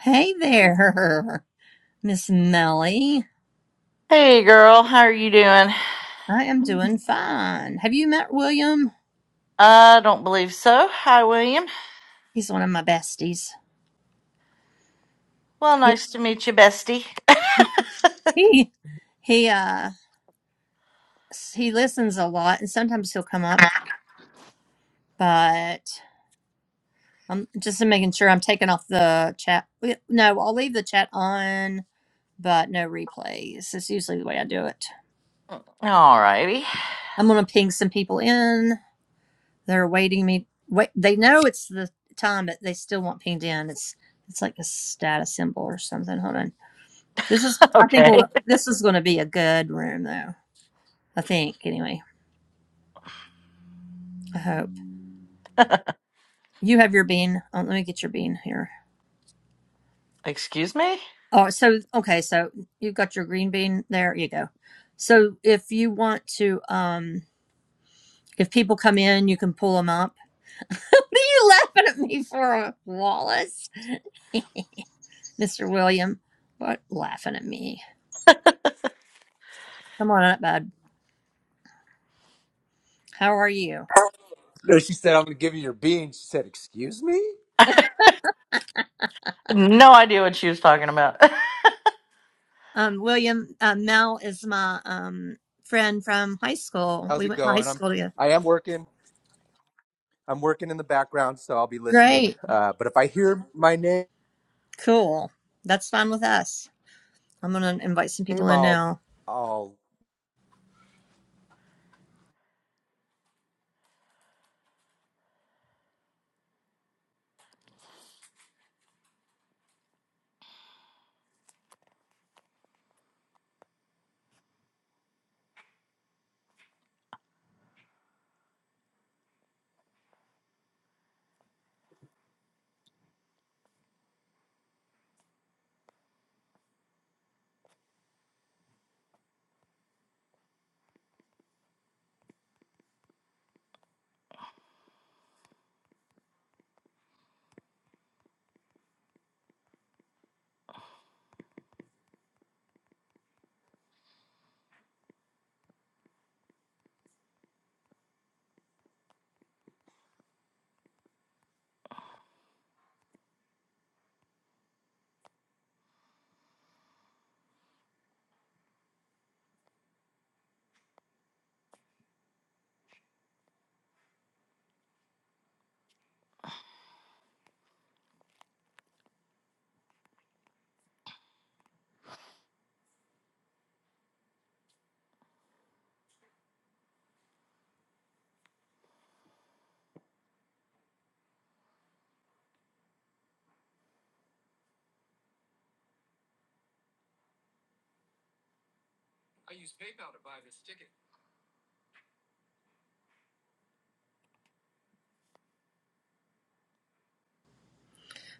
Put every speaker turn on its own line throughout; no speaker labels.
Hey there, Miss Melly.
Hey girl, how are you doing?
I am doing fine. Have you met William?
I don't believe so. Hi, William.
He's one of my besties.
Well,
He
nice to meet you, bestie.
he he, uh he listens a lot, and sometimes he'll come up. But I'm just making sure I'm taking off the chat. No, I'll leave the chat on, but no replays. It's usually the way I do it.
Alrighty.
I'm gonna ping some people in. They're waiting me. Wait, they know it's the time, but they still want pinged in. It's it's like a status symbol or something. Hold on. This is, I think, we're,
Okay.
this is going to be a good room, though. I think, anyway. I hope you have your bean. Oh, let me get your bean here.
Excuse me?
Oh, so okay, so you've got your green bean. There you go. So if you want to, um, if people come in, you can pull them up. what are you laughing at me for, Wallace? Mr. William, what laughing at me? Come on up, bud. How are you?
No, she said, "I'm going to give you your bean." She said, "Excuse me,
No idea what she was talking about.
Um, William, uh, Mel is my um friend from high school.
how's
We
it
went to high
going?" I'm,
school together.
I am working. I'm working in the background, so I'll be listening.
Great.
Uh, but if I hear my name,
Cool. That's fine with us. I'm going to invite some people in
I'll,
now.
I'll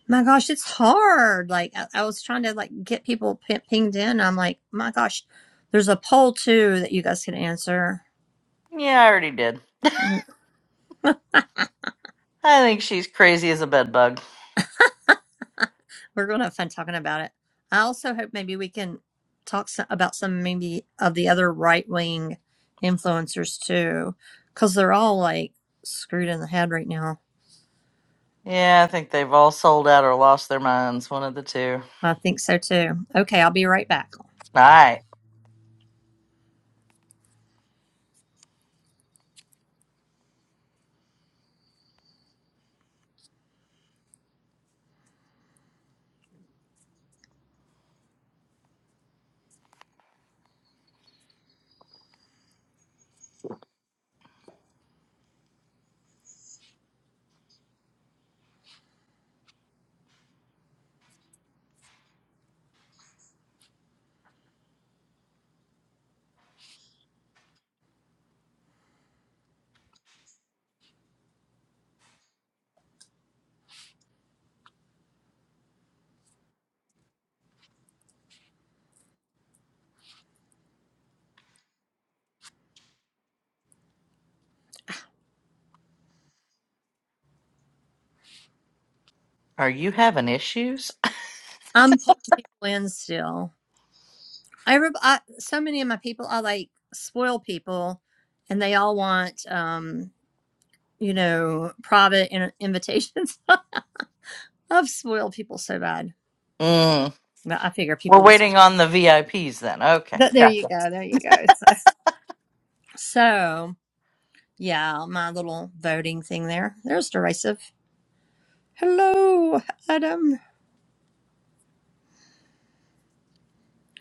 My gosh, it's hard. Like I, I was trying to like get people p- pinged in. I'm like, my gosh, there's a poll too that you guys can answer.
yeah, I already did.
We're
I think she's crazy as a bedbug.
going to have fun talking about it. I also hope maybe we can talk so- about some maybe of the other right wing influencers too, because they're all like screwed in the head right now.
Yeah, I think they've all sold out or lost their minds, one of the two.
I think so too. Okay, I'll be right back.
Alright. Are you having issues?
I'm pulling people in still. I, re- I so many of my people are like spoil people, and they all want um you know private in- invitations. I've spoiled people so bad,
Mm.
but I figure people
We're
will.
waiting on the VIPs then. Okay.
But there you
Gotcha.
go, there you go. So, so yeah, my little voting thing there. There's derisive. Hello, Adam.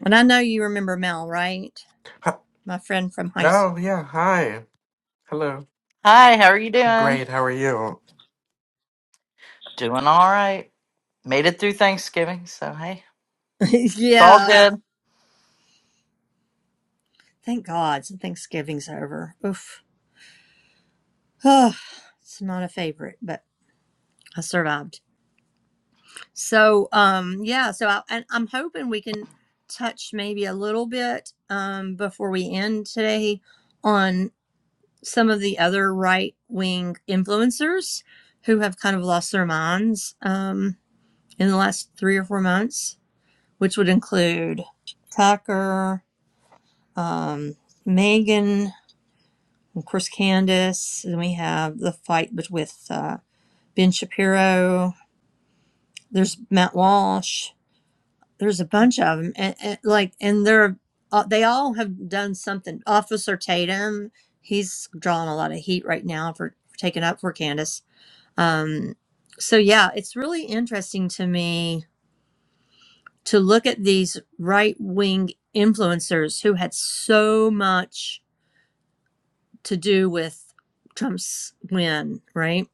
And I know you remember Mel, right?
Hi-
My friend from high school.
Oh, yeah. Hi. Hello.
Hi, how are you doing?
Great. How are you?
Doing alright. Made it through Thanksgiving, so hey. It's all
yeah,
good.
thank God. Thanksgiving's over. Oof. Oh, it's not a favorite, but I survived. So um yeah, so I, and I'm hoping we can touch maybe a little bit um before we end today on some of the other right wing influencers who have kind of lost their minds um in the last 3 or 4 months, which would include Tucker, um Megan, of course Candace, and we have the fight with uh Ben Shapiro, there's Matt Walsh, there's a bunch of them and, and like and they're uh, they all have done something officer tatum he's drawing a lot of heat right now for, for taking up for candace um so yeah it's really interesting to me to look at these right wing influencers who had so much to do with trump's win right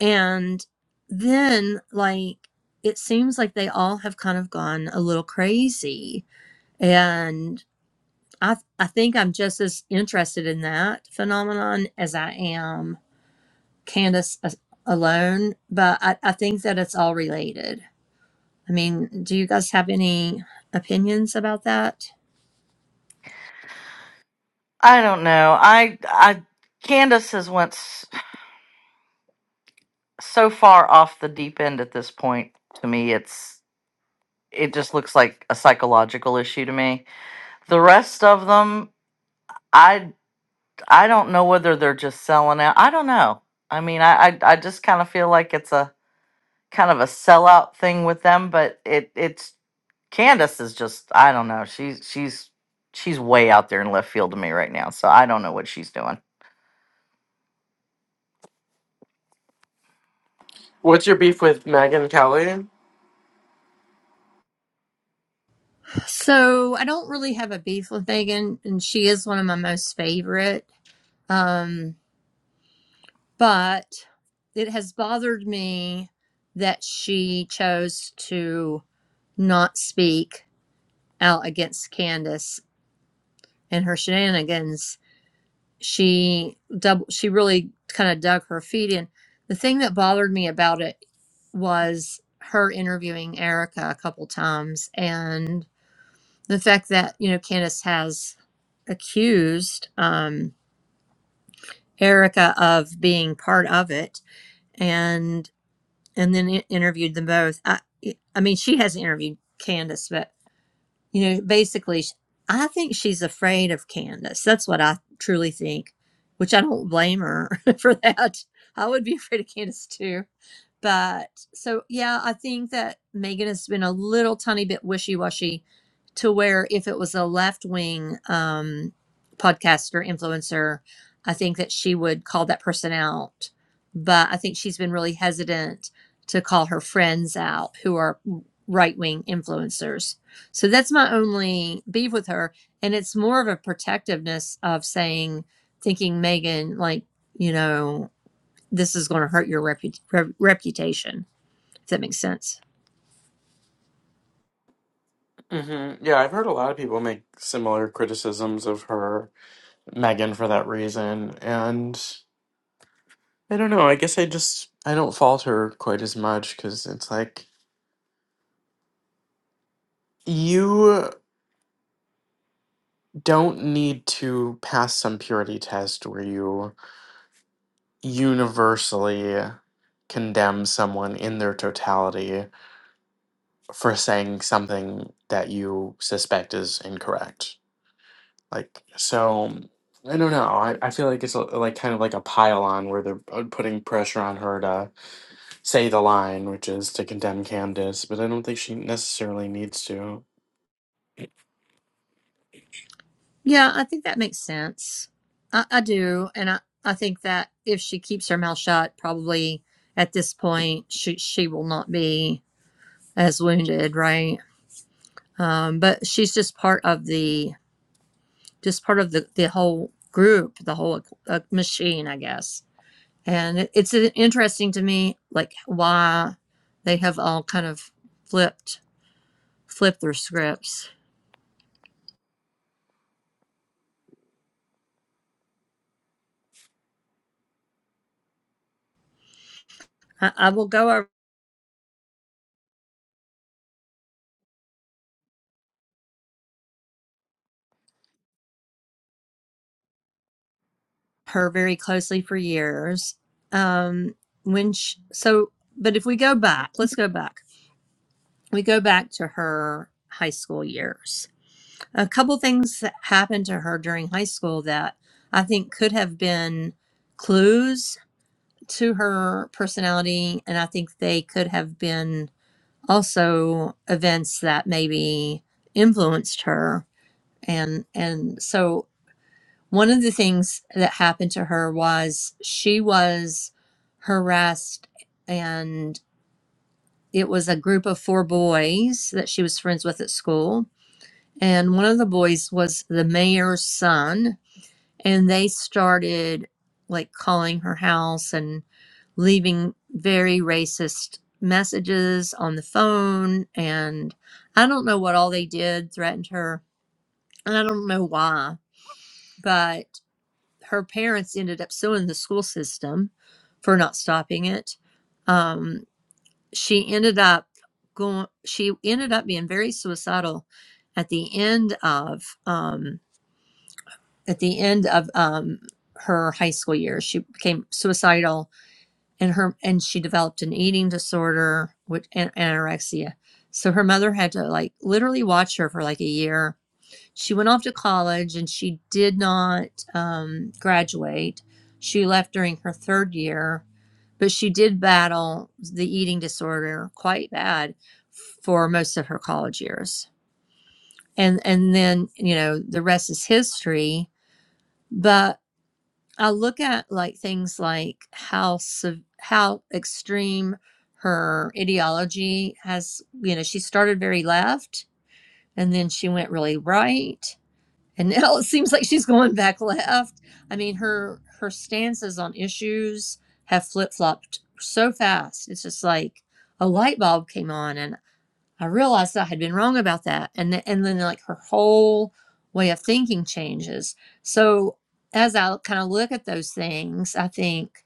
and then like it seems like they all have kind of gone a little crazy and. I I think I'm just as interested in that phenomenon as I am Candace as- alone, but I, I think that it's all related. I mean, do you guys have any opinions about that?
I don't know. I I Candace has went s- so far off the deep end at this point. To me, it's it just looks like a psychological issue to me. The rest of them, I I don't know whether they're just selling out. I don't know. I mean, I I, I just kind of feel like it's a kind of a sellout thing with them, but it it's Candace is just I don't know. She's she's she's way out there in left field to me right now. So I don't know what she's doing.
What's your beef with Megan Kelly?
So I don't really have a beef with Megan, and she is one of my most favorite. Um, but it has bothered me that she chose to not speak out against Candace and her shenanigans she double she really kind of dug her feet in the thing that bothered me about it was her interviewing erica a couple times and the fact that you know candace has accused um erica of being part of it and and then i- interviewed them both i i mean she has interviewed candace you know, basically, I think she's afraid of Candace. That's what I truly think, which I don't blame her for that. I would be afraid of Candace too. But so, yeah, I think that Megan has been a little tiny bit wishy washy to where if it was a left wing um, podcaster, influencer, I think that she would call that person out. But I think she's been really hesitant to call her friends out who are right wing influencers so that's my only beef with her. And it's more of a protectiveness of saying, thinking, Megan, like, you know, this is going to hurt your repu- re- reputation, if that makes sense.
hmm Yeah, I've heard a lot of people make similar criticisms of her, Megan, for that reason. And I don't know. I guess I just, I don't fault her quite as much because it's like, you don't need to pass some purity test where you universally condemn someone in their totality for saying something that you suspect is incorrect. Like, so I don't know. I, I feel like it's a, like kind of like a pile on where they're uh, putting pressure on her to say the line, which is to condemn Candace, but I don't think she necessarily needs to.
Yeah, I think that makes sense. I, I do. And I, I think that if she keeps her mouth shut, probably at this point, she, she will not be as wounded, right? Um, but she's just part of the, just part of the, the whole group, the whole uh, machine, I guess. and it's uh, interesting to me like why they have all kind of flipped flipped their scripts i, I will go over her very closely for years um when she, so but if we go back let's go back we go back to her high school years a couple things that happened to her during high school that i think could have been clues to her personality and i think they could have been also events that maybe influenced her and and so one of the things that happened to her was she was harassed and it was a group of four boys that she was friends with at school and one of the boys was the mayor's son and they started like calling her house and leaving very racist messages on the phone and i don't know what all they did threatened her and i don't know why but her parents ended up suing the school system for not stopping it um, she ended up going she ended up being very suicidal at the end of um, at the end of um, her high school years. She became suicidal, and her and she developed an eating disorder with an- anorexia. So her mother had to like literally watch her for like a year. She went off to college, and she did not um, graduate. She left during her third year, but she did battle the eating disorder quite bad for most of her college years. And and then you know the rest is history. But I'll look at like things like how sev- how extreme her ideology has. You know, she started very left, and then she went really right, and now it seems like she's going back left. I mean, her her stances on issues have flip flopped so fast. It's just like a light bulb came on, and I realized I had been wrong about that. And, th- and then, like, her whole way of thinking changes. So, as I kind of look at those things, I think,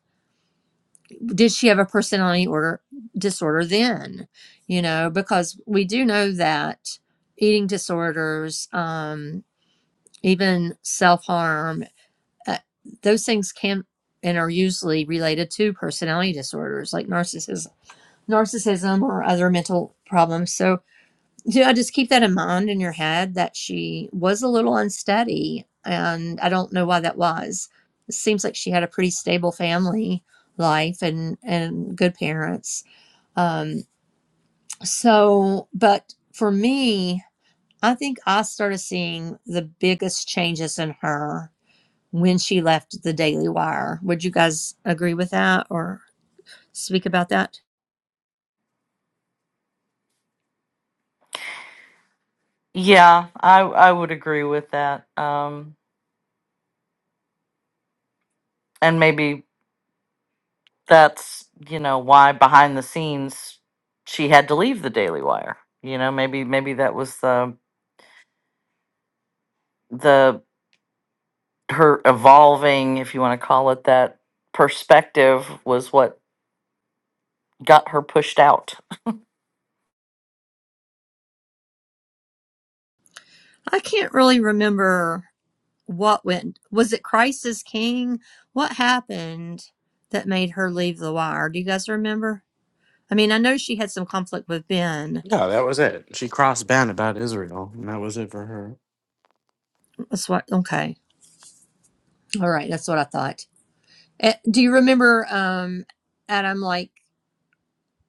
did she have a personality order disorder then? You know, because we do know that eating disorders, um, even self harm, uh, those things can and are usually related to personality disorders like narcissism, narcissism or other mental problems. So yeah, just keep that in mind in your head that she was a little unsteady, and I don't know why that was. It seems like she had a pretty stable family life and and good parents. Um, so, but for me, I think I started seeing the biggest changes in her when she left the Daily Wire. Would you guys agree with that or speak about that?
Yeah, I I would agree with that. Um, and maybe that's, you know, why behind the scenes she had to leave the Daily Wire. You know, maybe maybe that was the the her evolving, if you want to call it that, perspective was what got her pushed out.
I can't really remember What went? Was it Christ is King? What happened that made her leave the wire? Do you guys remember? I mean, I know she had some conflict with Ben.
Yeah, that was it. She crossed Ben about Israel, and that was it for her.
That's what. Okay. All right. That's what I thought. Eh, Do you remember, um, Adam? Like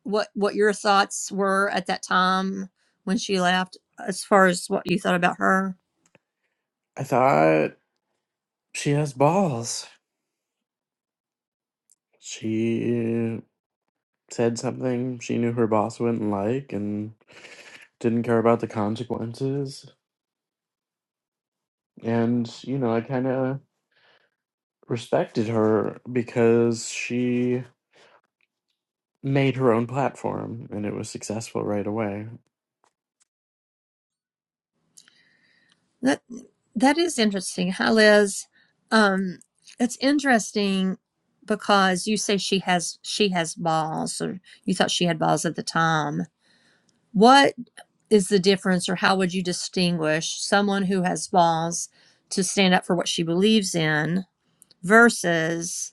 what what your thoughts were at that time when she left, as far as what you thought about her?
I thought she has balls. She said something she knew her boss wouldn't like and didn't care about the consequences And, you know, I kind of respected her because she made her own platform and it was successful right away.
That is interesting. Hi, Liz. Um, it's interesting because you say she has she has balls, or you thought she had balls at the time. What is the difference, or how would you distinguish someone who has balls to stand up for what she believes in versus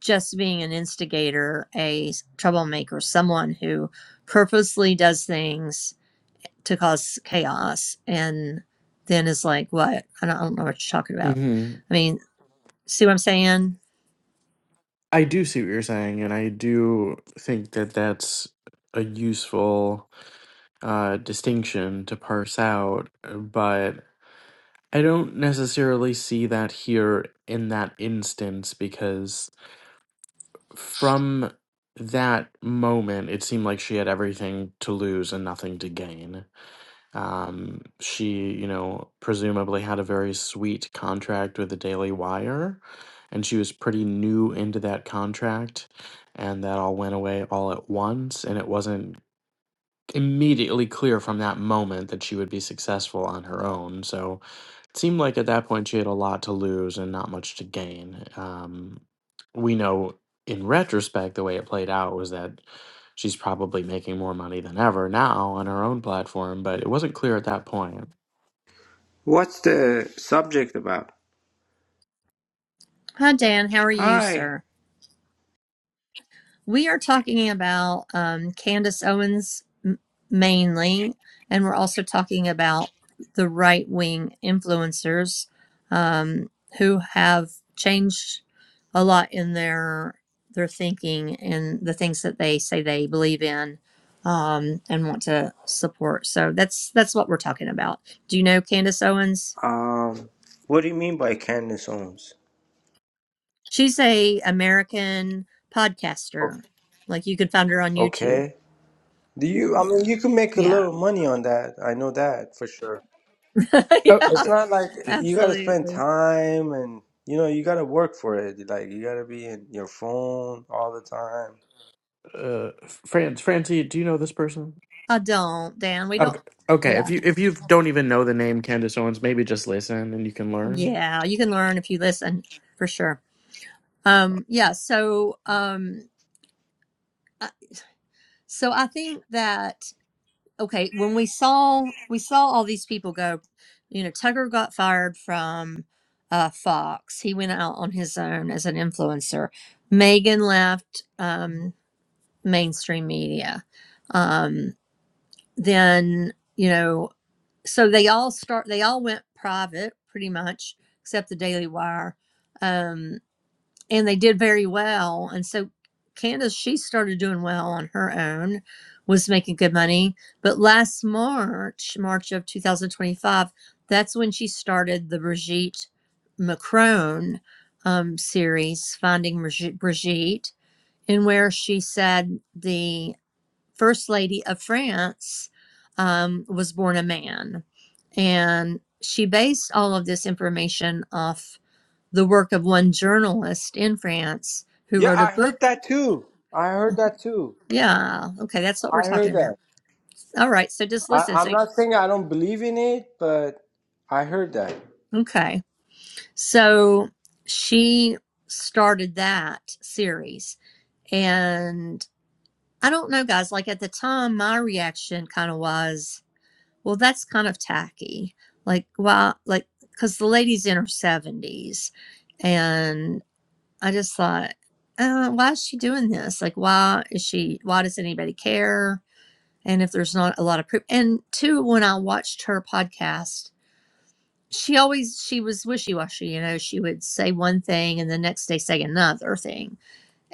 just being an instigator, a troublemaker, someone who purposely does things to cause chaos and then is like, what? I don't, I don't know what you're talking about.
hmm
I mean, see what I'm saying?
I do see what you're saying, and I do think that that's a useful uh, distinction to parse out, uh, but I don't necessarily see that here in that instance because from that moment, it seemed like she had everything to lose and nothing to gain Um, she, you know, presumably had a very sweet contract with the Daily Wire, and she was pretty new into that contract, and that all went away all at once, and it wasn't immediately clear from that moment that she would be successful on her own. So it seemed like at that point she had a lot to lose and not much to gain. Um, we know in retrospect the way it played out was that she's probably making more money than ever now on her own platform, but it wasn't clear at that point.
What's the subject about?
Hi, Dan. How are you,
Hi.
sir? We are talking about um, Candace Owens m- mainly, and we're also talking about the right wing influencers um, who have changed a lot in their their thinking and the things that they say they believe in um, and want to support. So that's that's what we're talking about. Do you know Candace Owens?
Um, what do you mean by Candace Owens?
She's a American
O-
podcaster. Like you could find her on YouTube.
Okay. Do you? I mean, you can make a
Yeah.
little money on that. I know that for sure.
Oh,
yeah.
It's not like you
it's,
got to spend
Absolutely.
time and you know you got to work for it. Like you got to be in your phone all the time.
uh, Fran Francie, do you know this person?
I don't, Dan. We don't.
Okay, okay. If
Yeah.
you if you don't even know the name Candace Owens, maybe just listen and you can learn.
Yeah. You can learn if you listen for sure. Um, yeah. So, um, I- so I think that, okay, when we saw, we saw all these people go, you know, Tucker got fired from, uh, Fox. He went out on his own as an influencer. Megan left, um, mainstream media. Um, then, you know, so they all start they all went private pretty much except the daily wire um, and they did very well and so candace she started doing well on her own was making good money but last march march of 2025 that's when she started the brigitte macron um, series finding brigitte and where she said the First Lady of France um, was born a man. And she based all of this information off the work of one journalist in France who
Yeah,
wrote a
I
book.
heard that too. I heard that too.
Yeah. Okay. That's what we're
I heard
talking
that.
about. All right. So just
I,
listen.
I'm
So,
not saying I don't believe in it, but I heard that.
okay. So she started that series. And I don't know, guys, like at the time, my reaction kind of was, well that's kind of tacky like why like because the lady's in her 70s and i just thought uh, why is she doing this like why is she why does anybody care and if there's not a lot of proof and two when i watched her podcast she always she was wishy-washy you know she would say one thing and the next day say another thing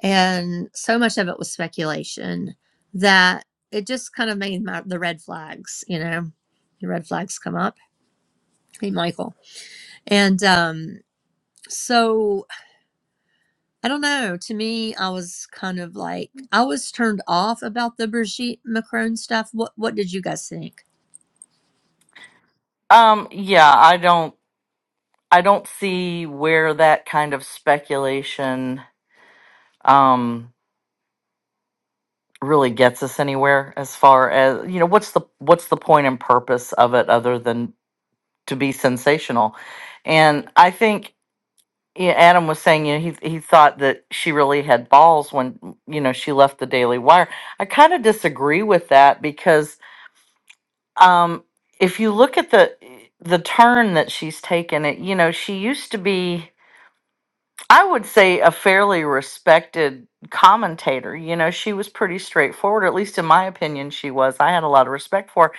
and so much of it was speculation that it just kind of made my, the red flags you know the red flags come up Hey, Michael. And um, so I don't know. To me, I was kind of like I was turned off about the Brigitte Macron stuff. What What did you guys think?
Um, yeah, I don't I don't see where that kind of speculation um really gets us anywhere as far as you know what's the what's the point and purpose of it other than to be sensational and i think yeah, adam was saying you know he, he thought that she really had balls when you know she left the daily wire i kind of disagree with that because um if you look at the the turn that she's taken it you know she used to be I would say a fairly respected commentator. You know, she was pretty straightforward, at least in my opinion, she was. I had a lot of respect for her.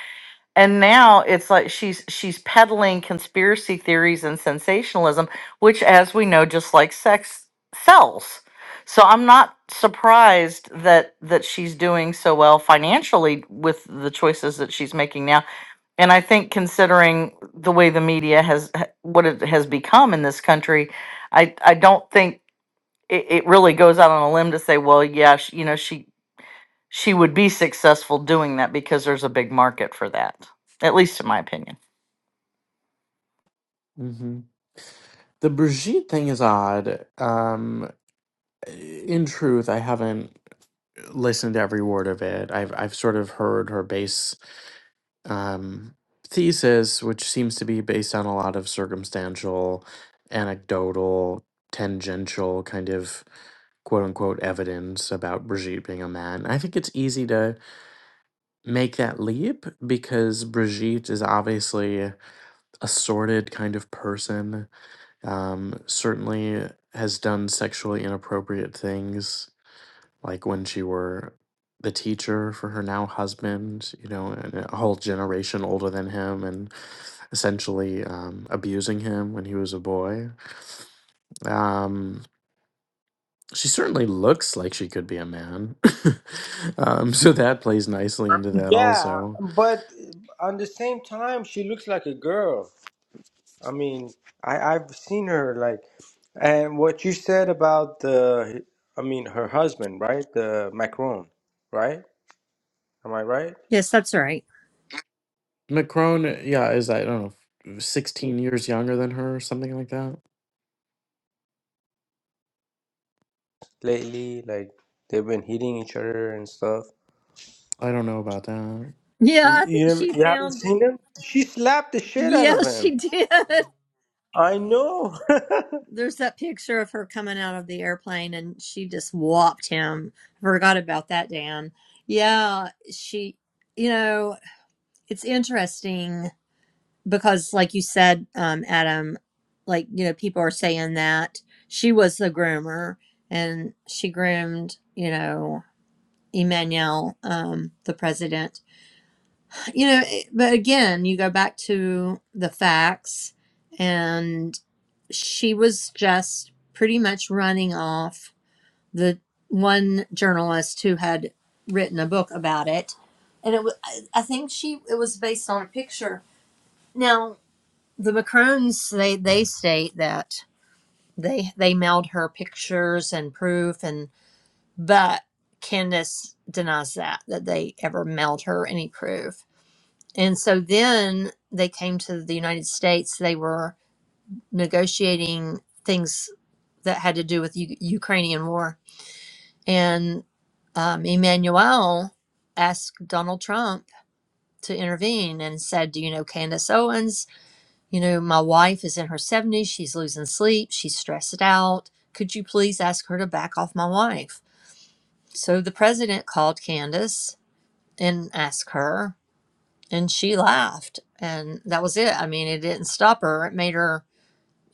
And now it's like she's she's peddling conspiracy theories and sensationalism, which as we know, just like sex sells. So I'm not surprised that that she's doing so well financially with the choices that she's making now. And I think considering the way the media has what it has become in this country, I I don't think it, it really goes out on a limb to say, well, yeah, she, you know, she she would be successful doing that because there's a big market for that. At least in my opinion.
The Brigitte thing is odd. Um, in truth, I haven't listened to every word of it. I've I've sort of heard her base um, thesis, which seems to be based on a lot of circumstantial, anecdotal, tangential kind of quote unquote evidence about Brigitte being a man. I think it's easy to make that leap because Brigitte is obviously a sordid kind of person um, certainly has done sexually inappropriate things, like when she were the teacher for her now husband, you know, and a whole generation older than him, and essentially um, abusing him when he was a boy. Um, she certainly looks like she could be a man, um, so that plays nicely into that
Yeah,
also.
but uh, on the same time, she looks like a girl. I mean, I I've seen her like, and what you said about the, I mean, her husband, right? The Macron, right? Am I right?
Yes, that's right.
Macron, yeah, is I don't know, sixteen years younger than her, something like that.
Lately, like they've been hitting each other and stuff.
I don't know about
Yeah,
You
I
you,
think
never,
she
you haven't
pounded.
seen him? She slapped the shit out
Yeah,
of him.
she did.
I know.
There's that picture of her coming out of the airplane and she just whopped him. Forgot about that, Dan. Yeah, she, you know, it's interesting because, like you said, um, Adam, like, you know, people are saying that she was the groomer and she groomed, you know, Emmanuel, um, the president you know eh, but again you go back to the facts and she was just pretty much running off the one journalist who had written a book about it and it was I think she it was based on a picture now the macrones they they state that they they mailed her pictures and proof and but candace denies that that they ever mailed her any proof and so then they came to the United States. They were negotiating things that had to do with U- Ukrainian war. And um, Emmanuel asked Donald Trump to intervene and said, Do you know Candace Owens? You know, my wife is in her 70s. She's losing sleep. She's stressed out. Could you please ask her to back off my wife? So the president called Candace and asked her. and she laughed and that was it i mean it didn't stop her it made her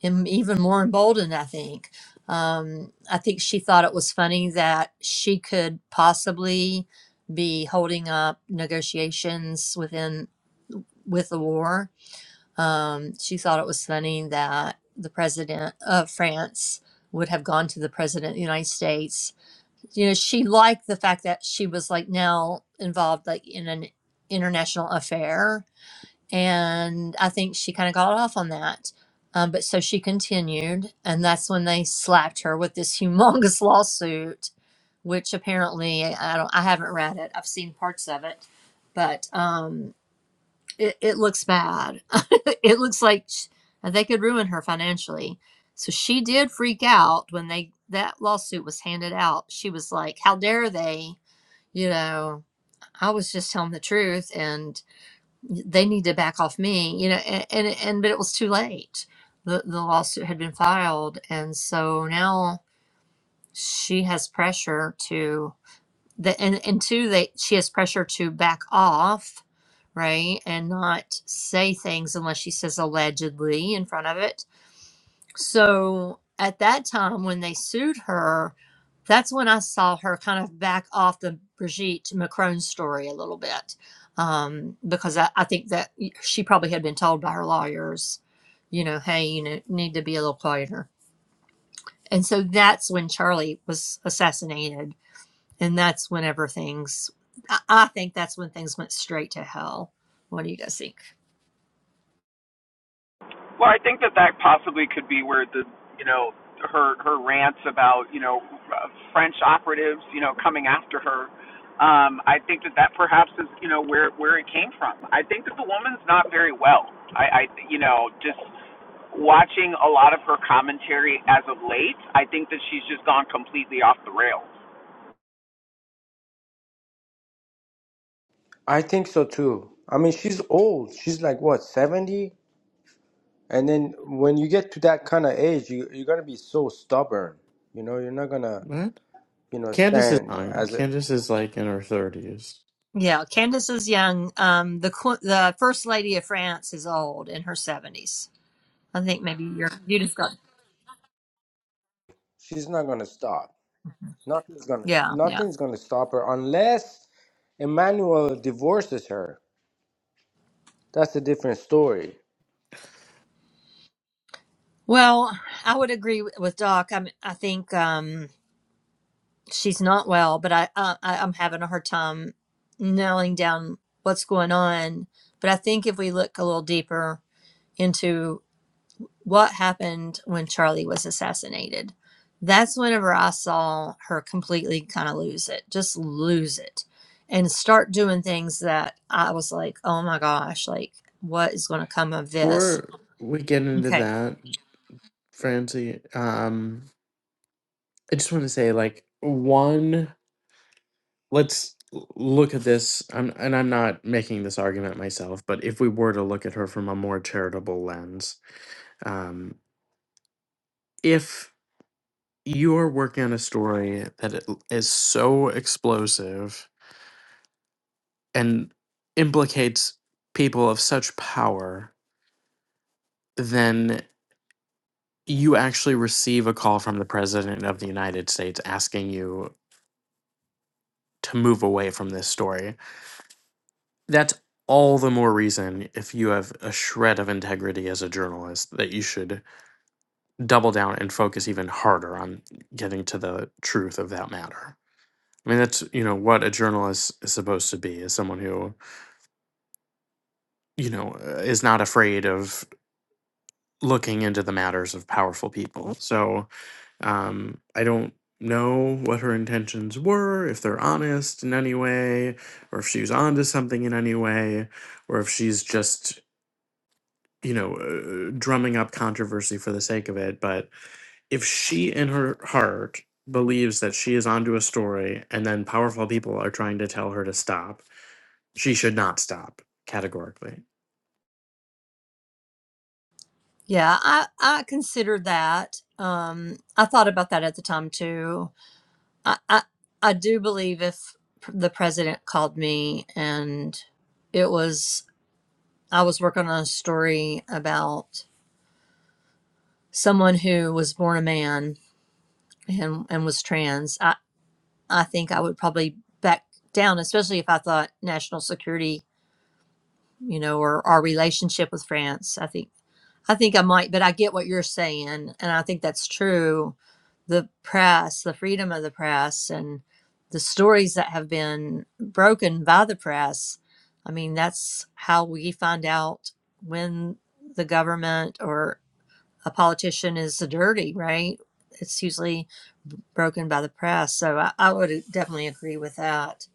em- even more emboldened i think um, i think she thought it was funny that she could possibly be holding up negotiations within with the war um, she thought it was funny that the president of france would have gone to the president of the united states you know she liked the fact that she was like now involved like in an international affair and I think she kind of got off on that. Um, but so she continued, and that's when they slapped her with this humongous lawsuit, which apparently I don't. I haven't read it. I've seen parts of it, but um, it, it looks bad. it looks like sh- uh, they could ruin her financially. So she did freak out when they that lawsuit was handed out. She was like, "How dare they?" You know, I was just telling the truth, And they need to back off me you know and and, and but it was too late the, the lawsuit had been filed and so now she has pressure to the and, and two they she has pressure to back off right and not say things unless she says allegedly in front of it so at that time, when they sued her, that's when I saw her kind of back off the Brigitte Macron story a little bit, um, because I, I think that she probably had been told by her lawyers, you know, hey, you know, need to be a little quieter. And so that's when Charlie was assassinated, and that's whenever things. I, I think that's when things went straight to hell. What do you guys think?
Well, I think that that possibly could be where the you know her her rants about you know uh, French operatives you know coming after her. Um, I think that that perhaps is you know where where it came from. I think that the woman's not very well. I, I you know just watching a lot of her commentary as of late, I think that she's just gone completely off the rails.
I think so too. I mean, she's old. She's like what, 70? And then when you get to that kind of age, you, you're gonna be so stubborn. You know, you're not gonna,
that.
you know,
Candace is
stand
young.
as a.
Candace is like in her thirties.
Yeah, Candace is young. Um, the qu- the first lady of France is old in her seventies. I think maybe you're you just got
She's not gonna stop. Nothing's gonna,
yeah yeah.
nothing's gonna stop her unless Emmanuel divorces her. That's a different story.
Well, I would agree with with Doc. I'm I think um she's not well, but I, I I- I'm having a hard time nailing down what's going on. But I think if we look a little deeper into. what happened when Charlie was assassinated. That's whenever I saw her completely kind of lose it, just lose it and start doing things that I was like, oh my gosh, like what is going to come of this?
Before we get into
Okay.
that, Francie, um, I just want to say like one. Let's l- look at this. I'm, and I'm not making this argument myself, but if we were to look at her from a more charitable lens, um, if you are working on a story that it l- is so explosive and implicates people of such power, you actually receive a call from the president of the United States asking you to move away from this story. That's all the more reason if you have a shred of integrity as a journalist that you should double down and focus even harder on getting to the truth of that matter. I mean that's you know what a journalist is supposed to be is someone who you know is not afraid of looking into the matters of powerful people. So Um, I don't know what her intentions were, if they're honest in any way, or if she was onto something in any way, or if she's just, you know, uh, drumming up controversy for the sake of it. But if she, in her heart, believes that she is onto a story and then powerful people are trying to tell her to stop, she should not stop categorically.
Yeah, I, I considered that. Um, I thought about that at the time too. I, I, I do believe if the president called me and it was, I was working on a story about someone who was born a man and and was trans, I I think I would probably back down, especially if I thought national security, you know, or our relationship with France. I think I think I might, but I get what you're saying, and I think that's true. The press, the freedom of the press, and the stories that have been broken by the press. I mean, that's how we find out when the government or a politician is dirty, right? It's usually broken by the press. So I, I would definitely agree with that.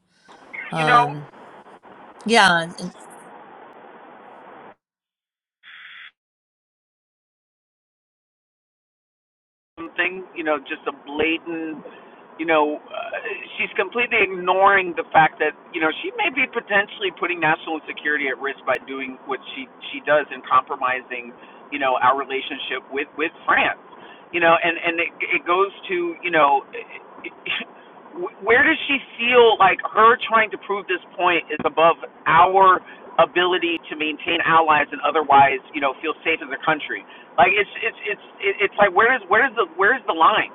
You know
Um, yeah, and, and-
something you know just a blatant you know, uh, she's completely ignoring the fact that you know she may be potentially putting national security at risk by doing what she she does and compromising, you know, our relationship with with France. You know, and and it, it goes to you know, where does she feel like her trying to prove this point is above our ability to maintain allies and otherwise you know feel safe as a country? Like it's it's it's it's like where is where is the where is the line?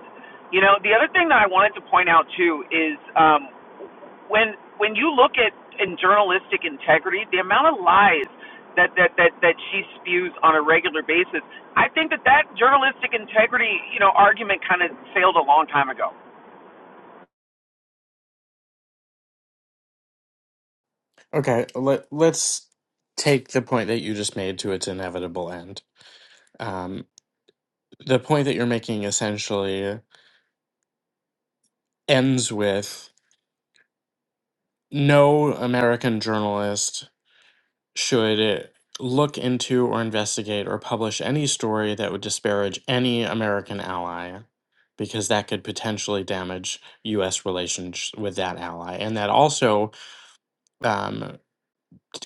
You know, the other thing that I wanted to point out too is um, when when you look at in journalistic integrity, the amount of lies that that that that she spews on a regular basis, I think that that journalistic integrity, you know, argument kind of failed a long time ago.
Okay, let, let's take the point that you just made to its inevitable end. Um, the point that you're making essentially ends with no American journalist should look into or investigate or publish any story that would disparage any American ally because that could potentially damage U.S. relations with that ally. And that also um,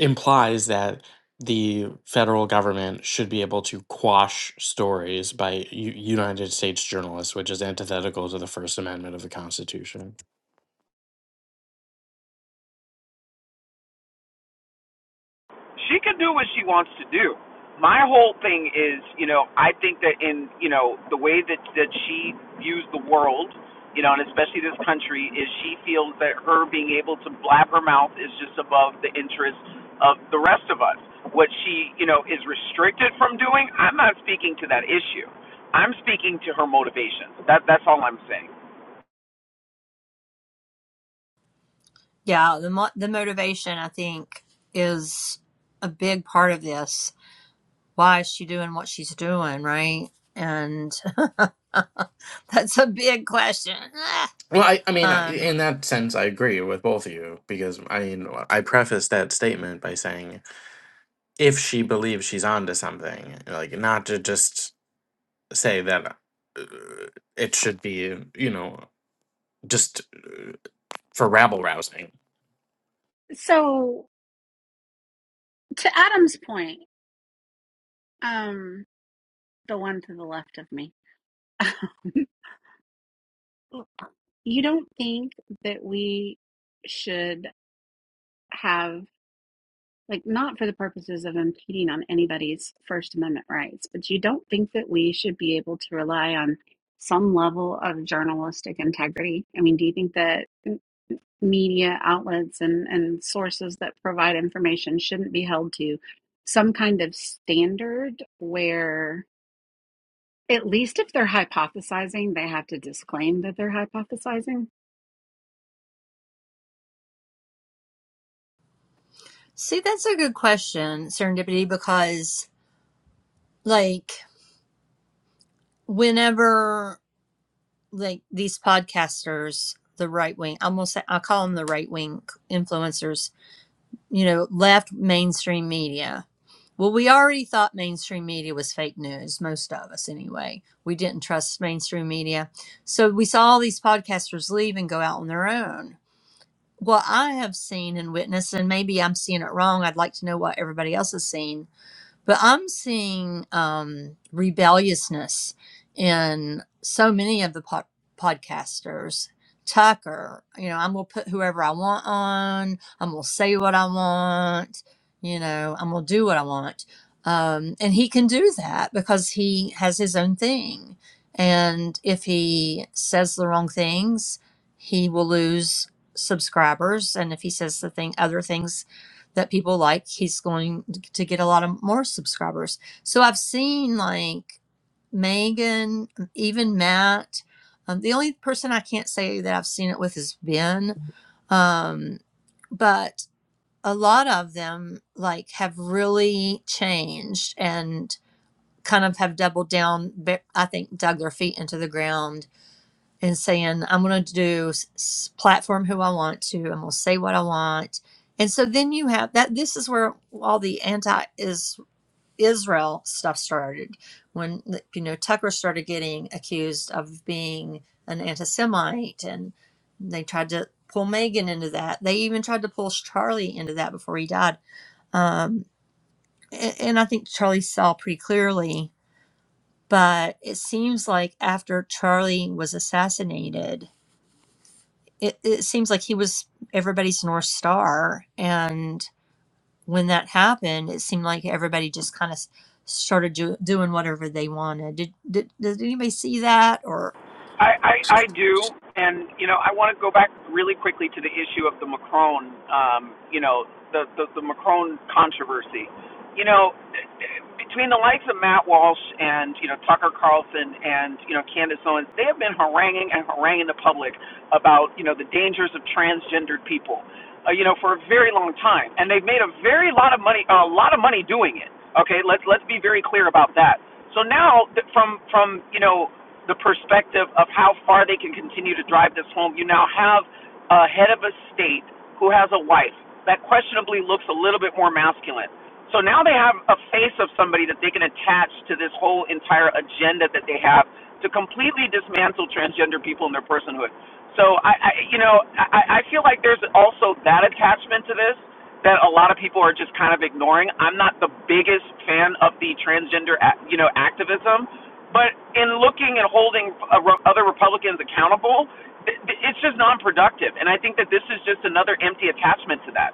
implies that the federal government should be able to quash stories by U- United States journalists, which is antithetical to the First Amendment of the Constitution.
she can do what she wants to do. My whole thing is, you know, I think that in, you know, the way that that she views the world, you know, and especially this country, is she feels that her being able to blab her mouth is just above the interest of the rest of us. What she, you know, is restricted from doing, I'm not speaking to that issue. I'm speaking to her motivations. That that's all I'm saying.
yeah. The mo- the motivation I think is a big part of this. Why is she doing what she's doing, right? And that's a big question. Ah.
Well, I, I mean, uh, i-
Um,
in that sense, I agree with both of you because I mean, uh, I prefaced that statement by saying if she believes she's onto something, like not to just. say that uh, it should be, you know, just uh, for rabble rousing.
So to Adam's point, um, the one to the left of me, you don't think that we should have like not for the purposes of impeding on anybody's First Amendment rights, but you don't think that we should be able to rely on some level of journalistic integrity? I mean, do you think that media outlets and, and sources that provide information shouldn't be held to some kind of standard where? At least if they're hypothesizing, they have to disclaim that they're hypothesizing.
see, that's a good question, serendipity, because like whenever. like these podcasters, the right wing, I'm gonna say I call them the right wing influencers, you know, left mainstream media. Well, we already thought mainstream media was fake news, most of us anyway. We didn't trust mainstream media. So we saw all these podcasters leave and go out on their own. What I have seen and witnessed, and maybe I'm seeing it wrong, I'd like to know what everybody else has seen, but I'm seeing um, rebelliousness in so many of the pod- podcasters. Tucker, you know, I'm going to put whoever I want on. I'm going to say what I want. You know, I'm going to do what I want. Um, and he can do that because he has his own thing. And if he says the wrong things, he will lose subscribers. And if he says the thing, other things that people like, he's going to get a lot of more subscribers. So I've seen like Megan, um, even Matt. Um, the only person I can't say that I've seen it with is Ben. Um, but a lot of them like have really changed and kind of have doubled down. I think dug their feet into the ground and saying, I'm going to do s- platform who I want to, I'm going to say what I want. And so then you have that. This is where all the anti Israel stuff started when, you know, Tucker started getting accused of being an anti Semite and they tried to pull Megan into that. They even tried to pull Charlie into that before he died. Um, a- and I think Charlie saw pretty clearly, but it seems like after Charlie was assassinated, it, it seems like he was everybody's north star and when that happened it seemed like everybody just kind of started do, doing whatever they wanted did, did did anybody see that or
I, I, I do, and you know, I want to go back really quickly to the issue of the Macron, um, you know, the, the the Macron controversy. You know, between the likes of Matt Walsh and you know Tucker Carlson and you know Candace Owens, they have been haranguing and haranguing the public about you know the dangers of transgendered people, uh, you know, for a very long time, and they've made a very lot of money, a lot of money doing it. Okay, let's let's be very clear about that. So now, from from you know the perspective of how far they can continue to drive this home. You now have a head of a state who has a wife that questionably looks a little bit more masculine. So now they have a face of somebody that they can attach to this whole entire agenda that they have to completely dismantle transgender people and their personhood. So I, I you know, I, I feel like there's also that attachment to this that a lot of people are just kind of ignoring. I'm not the biggest fan of the transgender, you know, activism but in looking and holding uh, re- other Republicans accountable, th- th- it's just non-productive. And I think that this is just another empty attachment to that.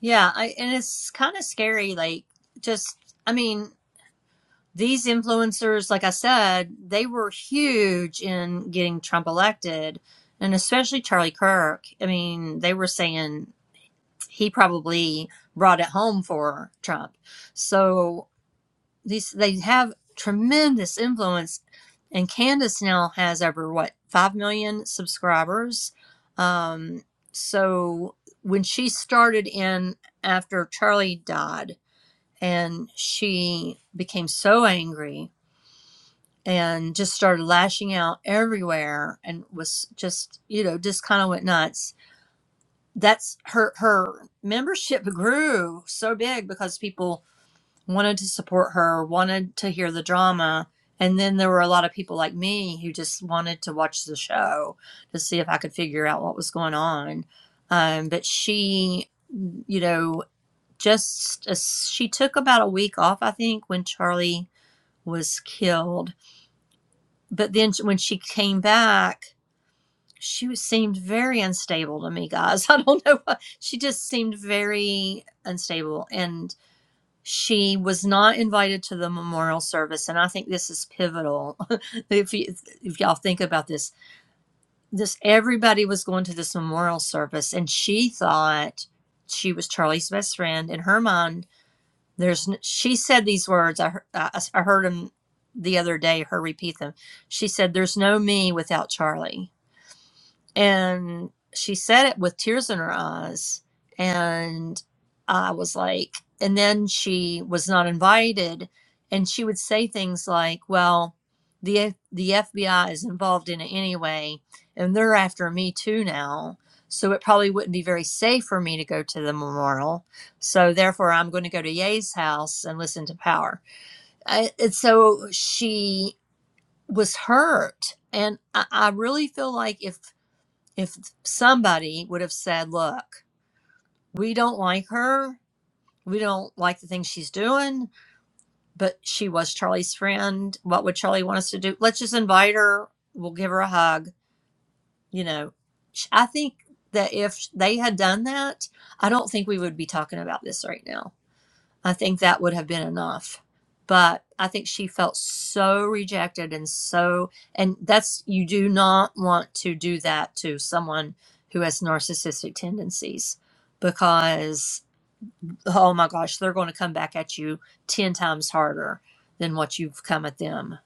yeah I, and it's kind of scary like just i mean these influencers like i said they were huge in getting trump elected and especially charlie kirk i mean they were saying he probably brought it home for trump so these they have tremendous influence and candace now has over what 5 million subscribers um, so when she started in after charlie died and she became so angry and just started lashing out everywhere and was just you know just kind of went nuts that's her her membership grew so big because people wanted to support her, wanted to hear the drama. And then there were a lot of people like me who just wanted to watch the show to see if I could figure out what was going on. Um, but she, you know, just uh, she took about a week off, I think, when Charlie was killed. But then when she came back, she seemed very unstable to me, guys. I don't know. Why. She just seemed very unstable. And she was not invited to the memorial service and i think this is pivotal if, you, if y'all think about this this everybody was going to this memorial service and she thought she was charlie's best friend in her mind there's she said these words i, I, I heard him the other day her repeat them she said there's no me without charlie and she said it with tears in her eyes. And I was like, and then she was not invited. And she would say things like, well, the, F- the FBI is involved in it anyway, and they're after me too now. So it probably wouldn't be very safe for me to go to the memorial. So therefore, I'm going to go to Ye's house and listen to Power. I, and so she was hurt. And I, I really feel like if if somebody would have said, Look, we don't like her. We don't like the things she's doing, but she was Charlie's friend. What would Charlie want us to do? Let's just invite her. We'll give her a hug. You know, I think that if they had done that, I don't think we would be talking about this right now. I think that would have been enough. But I think she felt so rejected and so, and that's, you do not want to do that to someone who has narcissistic tendencies because, oh my gosh, they're going to come back at you 10 times harder than what you've come at them.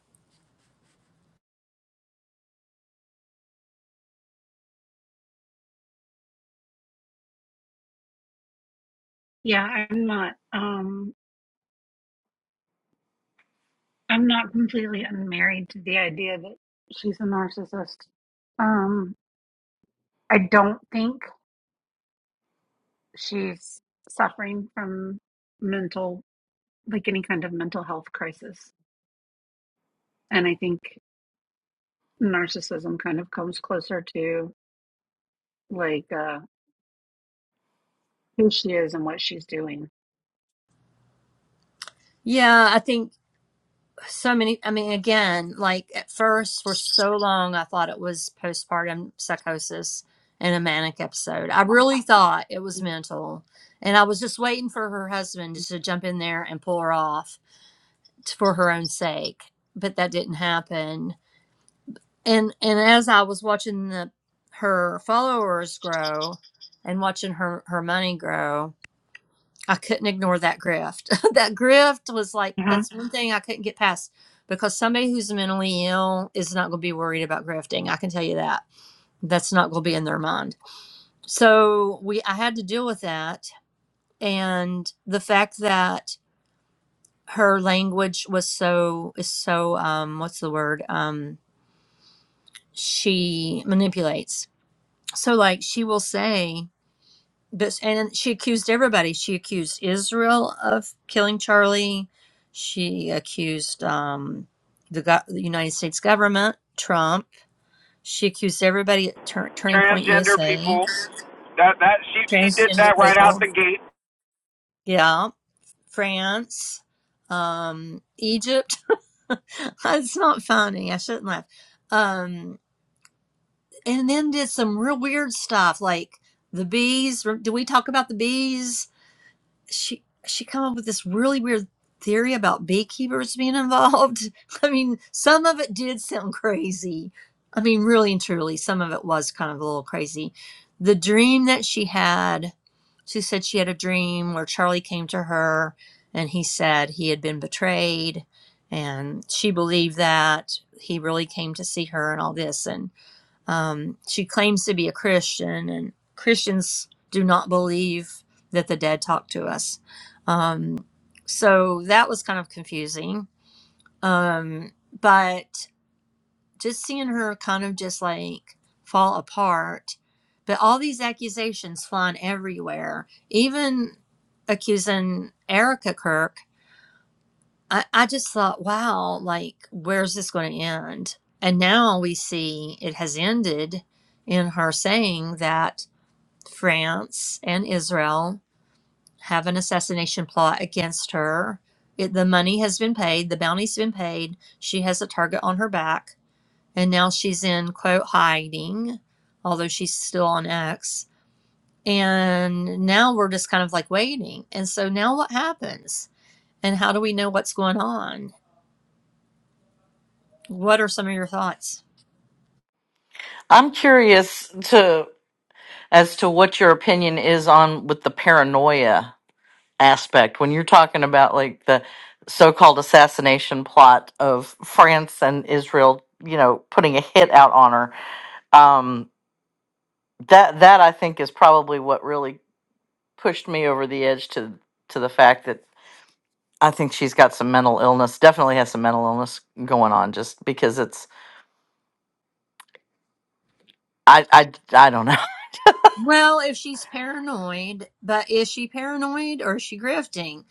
Yeah, I'm not um I'm not completely unmarried to the idea that she's a narcissist. Um I don't think she's suffering from mental like any kind of mental health crisis. And I think narcissism kind of comes closer to like uh who she is and what she's doing.
Yeah, I think so many i mean again like at first for so long i thought it was postpartum psychosis and a manic episode i really thought it was mental and i was just waiting for her husband to jump in there and pull her off t- for her own sake but that didn't happen and and as i was watching the her followers grow and watching her her money grow I couldn't ignore that grift. that grift was like
Uh huh.
that's one thing I couldn't get past because somebody who's mentally ill is not going to be worried about grifting. I can tell you that. That's not going to be in their mind. So we I had to deal with that and the fact that her language was so is so um what's the word? Um she manipulates. So like she will say but and she accused everybody. She accused Israel of killing Charlie. She accused um, the, go- the United States government, Trump. She accused everybody at Tur- Turning Point
Transgender
USA,
people. That that she she did
transgender
that right out
people.
the gate.
Yeah, France, um, Egypt. it's not funny. I shouldn't laugh. Um, and then did some real weird stuff like the bees. Re- Did we talk about the bees? she she come up with this really weird theory about beekeepers being involved. I mean, some of it did sound crazy. I mean, really and truly, some of it was kind of a little crazy. The dream that she had, she said she had a dream where Charlie came to her and he said he had been betrayed and she believed that he really came to see her and all this and um, she claims to be a Christian, and Christians do not believe that the dead talk to us. Um, so that was kind of confusing. Um, but just seeing her kind of just like fall apart, but all these accusations flying everywhere, even accusing Erica Kirk I, I just thought, wow, like, where's this going to end? And now we see it has ended in her saying that France and Israel have an assassination plot against her. It, the money has been paid, the bounty's been paid. She has a target on her back. And now she's in, quote, hiding, although she's still on X. And now we're just kind of like waiting. And so now what happens? And how do we know what's going on? What are some of your thoughts?
I'm curious to as to what your opinion is on with the paranoia aspect when you're talking about like the so-called assassination plot of France and Israel, you know, putting a hit out on her. Um, that that I think is probably what really pushed me over the edge to to the fact that I think she's got some mental illness. Definitely has some mental illness going on, just because it's I I I don't know.
Well, if she's paranoid, but is she paranoid or is she grifting?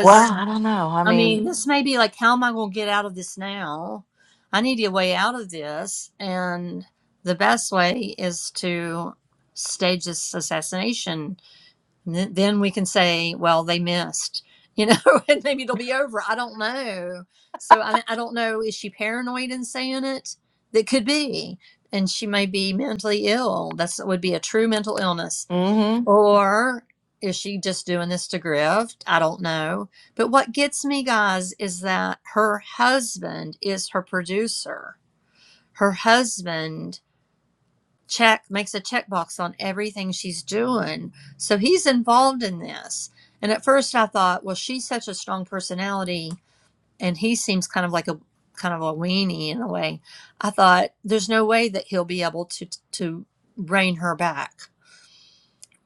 Well, I don't know. I
I mean, this
mean.
may be like, how am I going to get out of this now? I need a way out of this. And the best way is to stage this assassination And th- then we can say, well, they missed, you know, and maybe it'll be over. I don't know. So I, I don't know. Is she paranoid in saying it? That could be. And she may be mentally ill. That's would be a true mental illness.
mm-hmm.
Or is she just doing this to grift? I don't know. But what gets me, guys, is that her husband is her producer. Her husband check makes a checkbox on everything she's doing so he's involved in this and at first i thought well she's such a strong personality and he seems kind of like a kind of a weenie in a way i thought there's no way that he'll be able to to rein her back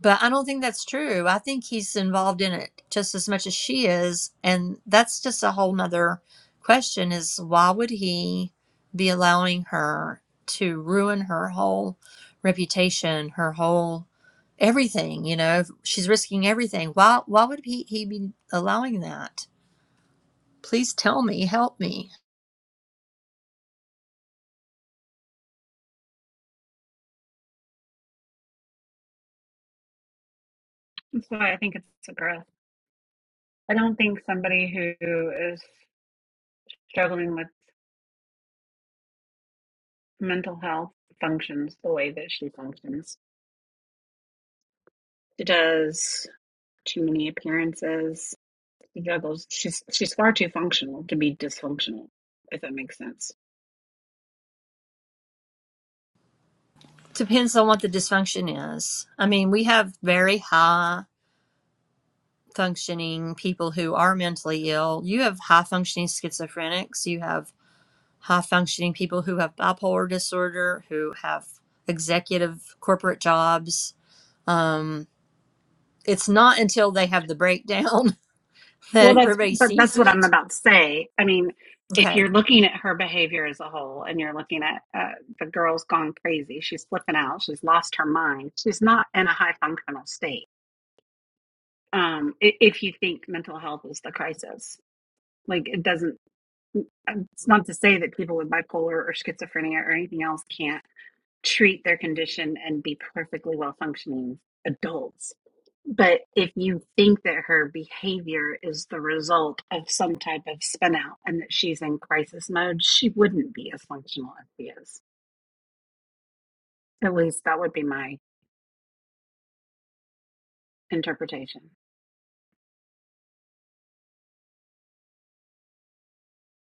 but I don't think that's true. I think he's involved in it just as much as she is. And that's just a whole nother question is why would he be allowing her to ruin her whole reputation, her whole everything, you know? If She's risking everything. Why why would he, he be allowing that? Please tell me, help me.
That's why I think it's a growth. I don't think somebody who is struggling with mental health functions the way that she functions. She does too many appearances. She juggles. She's she's far too functional to be dysfunctional, if that makes sense.
Depends on what the dysfunction is. I mean, we have very high functioning people who are mentally ill. You have high functioning schizophrenics. You have high functioning people who have bipolar disorder, who have executive corporate jobs. Um, it's not until they have the breakdown that
Well, that's
everybody
but
sees
that's what I'm
it.
about to say. I mean, if
Okay.
you're looking at her behavior as a whole, and you're looking at uh, the girl's gone crazy, she's flipping out, she's lost her mind, she's not in a high functional state um, if you think mental health is the crisis. Like it doesn't, it's not to say that people with bipolar or schizophrenia or anything else can't treat their condition and be perfectly well functioning adults. But if you think that her behavior is the result of some type of spin out and that she's in crisis mode, she wouldn't be as functional as she is. At least that would be my interpretation.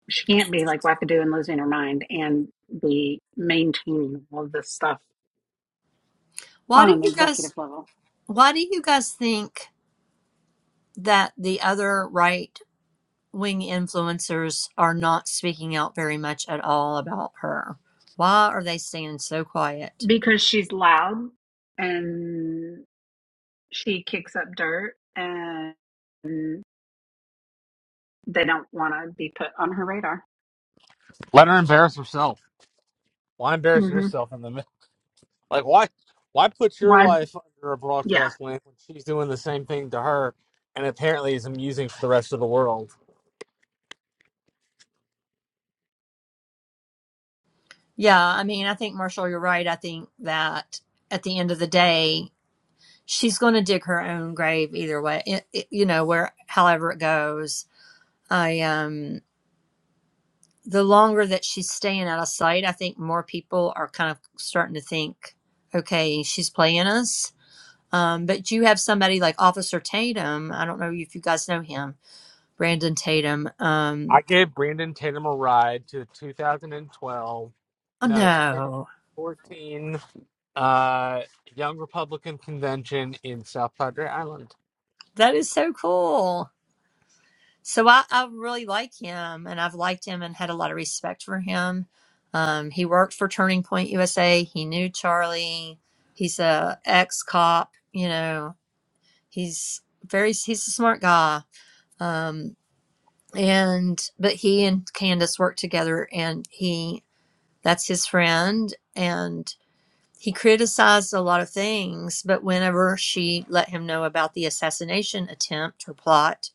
she can't be like wackadoo and losing her mind and be maintaining all this stuff
Why
on
do
an
you
executive
guys?
level
Why do you guys think that the other right wing influencers are not speaking out very much at all about her? Why are they staying so quiet?
because she's loud and she kicks up dirt and they don't want to be put on her radar.
Let her embarrass herself. Why embarrass
hmm
yourself in the middle? Like why? Why put your
Why?
life under a
Yeah.
broadcast lamp when she's doing the same thing to her, and apparently is amusing for the rest of the world?
Yeah, I mean, I think Marshall, you're right. I think that at the end of the day, she's going to dig her own grave either way. It, it- you know, where however it goes. I um the longer that she's staying out of sight, I think more people are kind of starting to think, okay, she's playing us. Um, but you have somebody like Officer Tatum. I don't know if you guys know him, Brandon Tatum.
I
Um,
gave Brandon Tatum a ride to the 2012,
oh
no,
no,
2014 uh, Young Republican Convention in South Padre Island.
that is so cool. So I, I really like him, and I've liked him and had a lot of respect for him. Um, he worked for Turning Point USA. He knew Charlie. He's a ex cop. You know, he's very he's a smart guy. Um, and but he and Candace worked together, and he that's his friend, and he criticized a lot of things. But whenever she let him know about the assassination attempt or plot,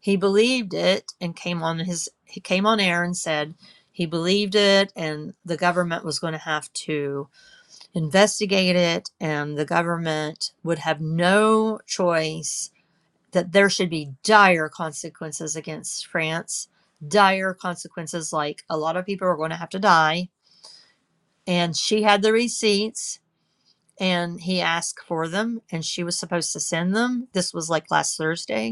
he believed it and came on his he came on air and said he believed it and the government was going to have to investigate it and the government would have no choice that there should be dire consequences against France dire consequences like a lot of people are going to have to die and she had the receipts and he asked for them and she was supposed to send them this was like last Thursday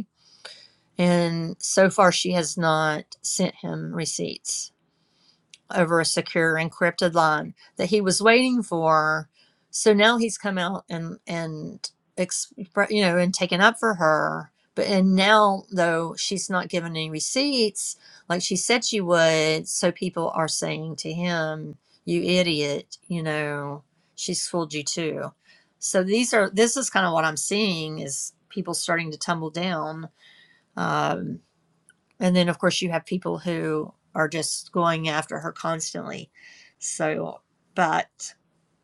and so far, she has not sent him receipts over a secure encrypted line that he was waiting for. So now he's come out and and expre- you know and taken up for her. But and now though she's not given any receipts like she said she would, so people are saying to him, "You idiot!" You know, she's fooled you too. So these are this is kind of what I'm seeing is people starting to tumble down Um, and then, of course, you have people who are just going after her constantly. So, but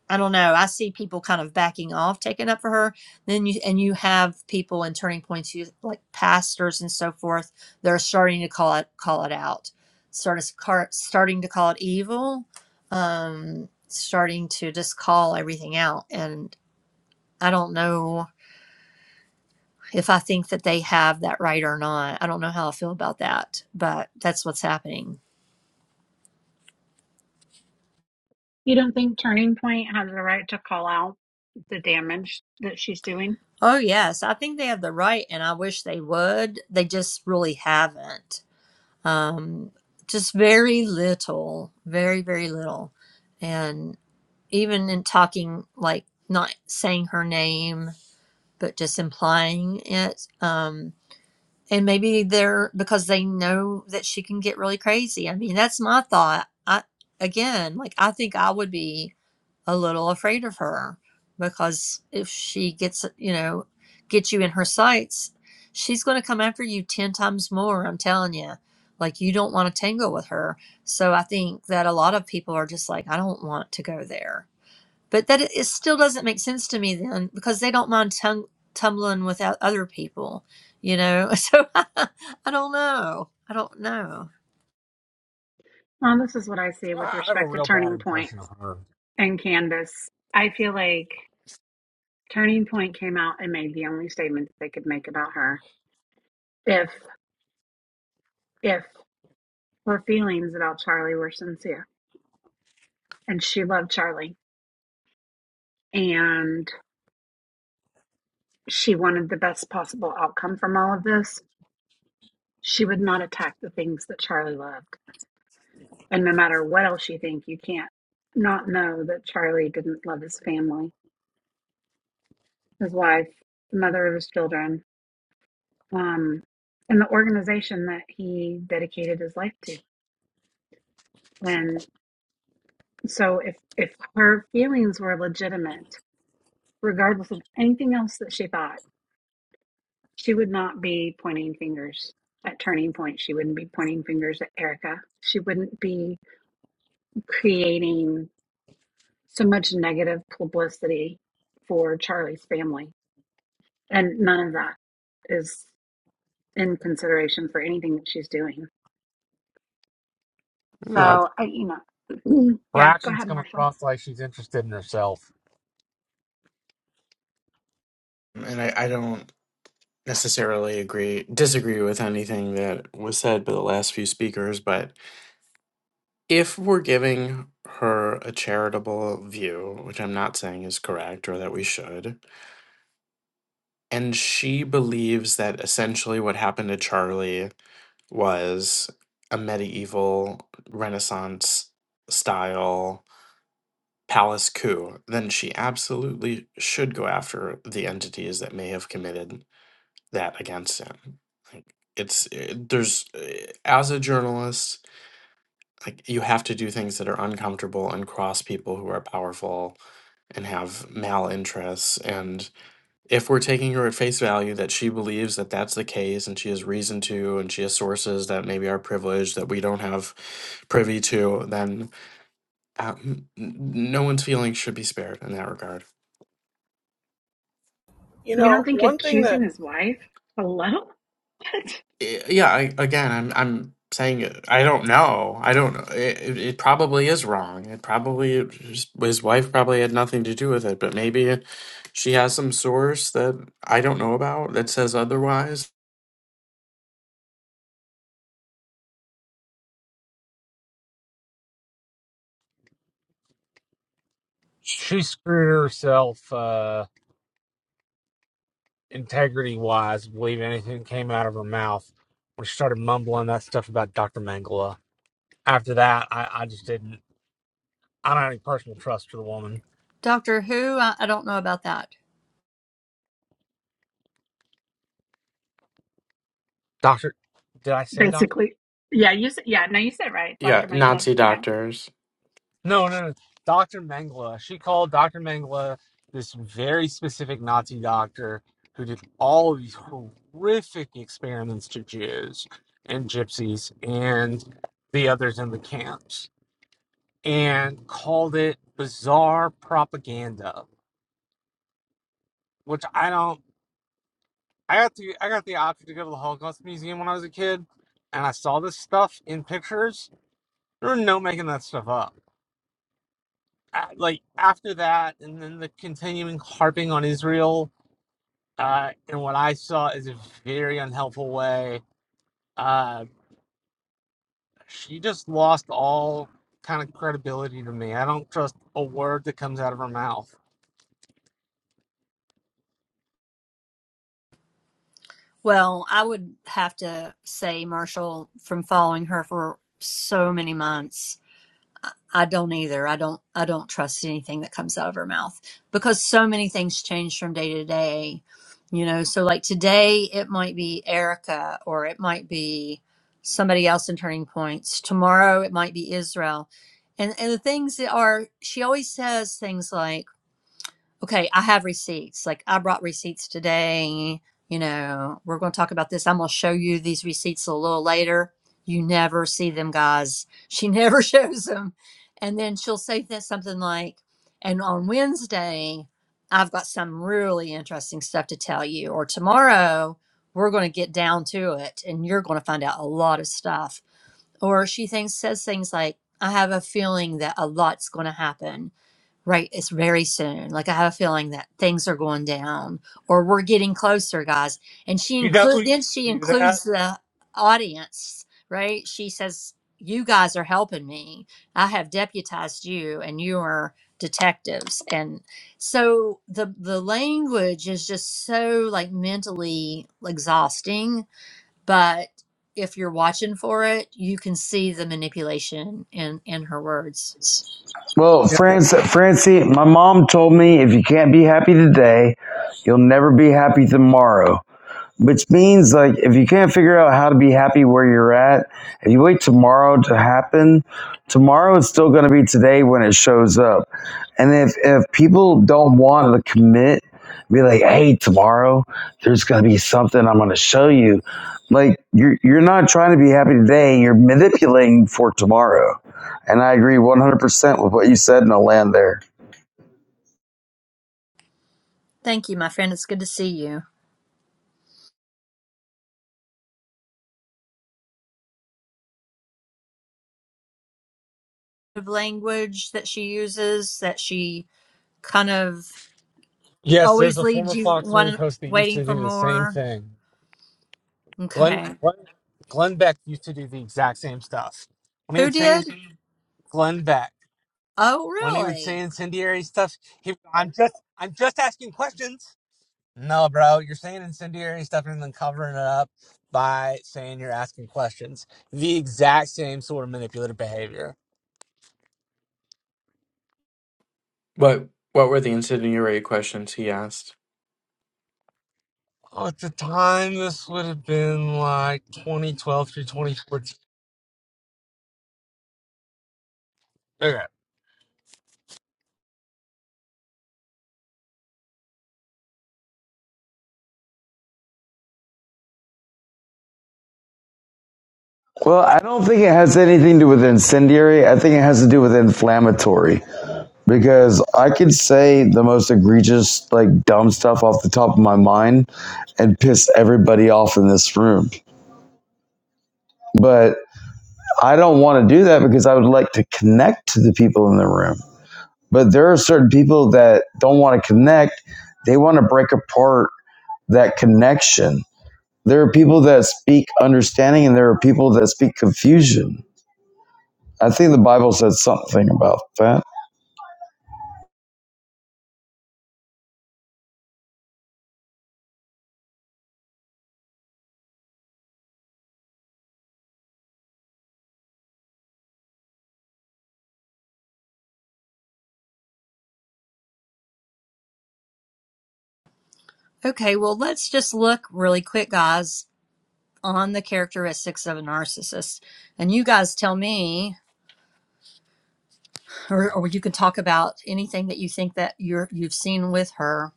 I don't know. I see people kind of backing off, taking up for her. Then you and you have people in turning points, you like pastors and so forth. They're starting to call it call it out, sort of car, starting to call it evil, um, starting to just call everything out. And I don't know if I think that they have that right or not. I don't know how I feel about that, but that's what's happening.
You don't think Turning Point has the right to call out the damage that she's doing?
Oh, yes. I think they have the right, and I wish they would. They just really haven't. Um, just very little, very, very little. And even in talking, like not saying her name, but just implying it. Um, and maybe they're because they know that she can get really crazy. I mean, that's my thought. I, again, like, I think I would be a little afraid of her because if she gets you know gets you in her sights she's going to come after you 10 times more i'm telling you like you don't want to tangle with her so i think that a lot of people are just like i don't want to go there but that it still doesn't make sense to me then because they don't mind tum- tumbling with o- other people you know so i don't know i don't know
Well, this is what I see with
I have a
respect to
real bad
Turning Point
impression of her.
and Candace. I feel like. Turning Point came out and made the only statements they could make about her. If, if her feelings about Charlie were sincere, and she loved Charlie, and she wanted the best possible outcome from all of this, she would not attack the things that Charlie loved. And no matter what else you think, you can't not know that Charlie didn't love his family, his wife, the mother of his children, um, and the organization that he dedicated his life to. When So if if her feelings were legitimate, regardless of anything else that she thought, she would not be pointing fingers at Turning Point. She wouldn't be pointing fingers at Erica. She wouldn't be creating so much negative publicity for Charlie's family. And none of that is in consideration for anything that she's doing.
You know,
So I you know
her
yeah, go
actions
ahead,
come
Marshall.
across like she's interested in herself.
And I, I don't necessarily agree, disagree with anything that was said by the last few speakers, but if we're giving her a charitable view, which I'm not saying is correct or that we should, And she believes that essentially what happened to Charlie was a medieval Renaissance style palace coup. Then she absolutely should go after the entities that may have committed that against him. Like it's eh, there's eh, as a journalist, like you have to do things that are uncomfortable and cross people who are powerful and have malinterests and if we're taking her at face value that she believes that that's the case and she has reason to and she has sources that maybe are privileged that we don't have privy to then uh, n- no one's feelings should be spared in that regard
You
You don't
know,
think
one thing that
accusing his wife? Hello? What?
I- yeah I, again i'm i'm saying it- i don't know i don't know it, it it probably is wrong it probably his his wife probably had nothing to do with it but maybe she has some source that i don't know about that says otherwise
She screwed herself. Uh, integrity wise believe anything that came out of her mouth when she started mumbling that stuff about Dr. Mangala. After that, I, I just didn't. I don't have any personal trust for the woman.
doctor who i, I don't know about that
Doctor, did I say doctor?
basically. Yeah, you said, yeah, no, you said it right,
yeah
Dr. Mengele.
nazi
Yeah.
doctors
No, no, no. Dr. Mangala. She called Dr. Mangala this very specific Nazi doctor who did all of these horrific experiments to Jews and gypsies and the others in the camps and called it bizarre propaganda which I don't. I got the I got the option to go to the Holocaust Museum when I was a kid, and I saw this stuff in pictures. There were no making that stuff up. I, like after that, and then the continuing harping on Israel uh, in what I saw is a very unhelpful way. Uh, she just lost all kind of credibility to me. I don't trust a word that comes out of her mouth.
Well, I would have to say, Marshall, from following her for so many months, I don't either. I don't I don't trust anything that comes out of her mouth because so many things change from day to day. You know, so like today it might be Erica or it might be somebody else in Turning Points. Tomorrow it might be Israel. And and the things that are she always says things like okay, I have receipts. Like I brought receipts today. You know, we're going to talk about this. I'm going to show you these receipts a little later. You never see them, guys. She never shows them. And then she'll say that something like, and on Wednesday, I've got some really interesting stuff to tell you. Or tomorrow, we're going to get down to it and you're going to find out a lot of stuff. Or she thinks, says things like, I have a feeling that a lot's going to happen Right, it's very soon. Like I have a feeling that things are going down or we're getting closer, guys. And she
You know who
include
used
then she
to do that?
includes the audience, right? She says, "You guys are helping me. I have deputized you and you are detectives." And so the the language is just so like mentally exhausting, but if you're watching for it, you can see the manipulation in in her words.
Well,
Yep.
France, Francie, my mom told me if you can't be happy today, you'll never be happy tomorrow which means like if you can't figure out how to be happy where you're at if you wait tomorrow to happen tomorrow is still going to be today when it shows up and if if people don't want to commit be like hey tomorrow there's going to be something i'm going to show you like you're you're not trying to be happy today you're manipulating for tomorrow and i agree 100% with what you said and i'll land there
Thank you, my friend. It's good to see you. of language that she uses that she kind of
Yes, there's
always
a
leads
former
you
Fox News
one
host that used
waiting
to
for
do the same
more.
thing. Glenn,
Okay.
Glenn Glenn Beck used to do the exact same stuff. When he
Who
would say
did?
Glenn Beck,
Oh,
when he would say
really?
incendiary stuff, he I'm just I'm just asking questions. No, bro, you're saying incendiary stuff and then covering it up by saying you're asking questions. The exact same sort of manipulative behavior.
What what were the incendiary questions he asked?
Oh, at the time, this would have been like 2012 through 2014. Okay.
well i don't think it has anything to do with incendiary i think it has to do with inflammatory because I could say the most egregious, like dumb stuff off the top of my mind and piss everybody off in this room. But I don't want to do that because I would like to connect to the people in the room. But there are certain people that don't want to connect, they want to break apart that connection. There are people that speak understanding and there are people that speak confusion. I think the Bible said something about that.
Okay, well, let's just look really quick, guys, on the characteristics of a narcissist. And you guys tell me, or, or you can talk about anything that you think that you're, you've seen with her.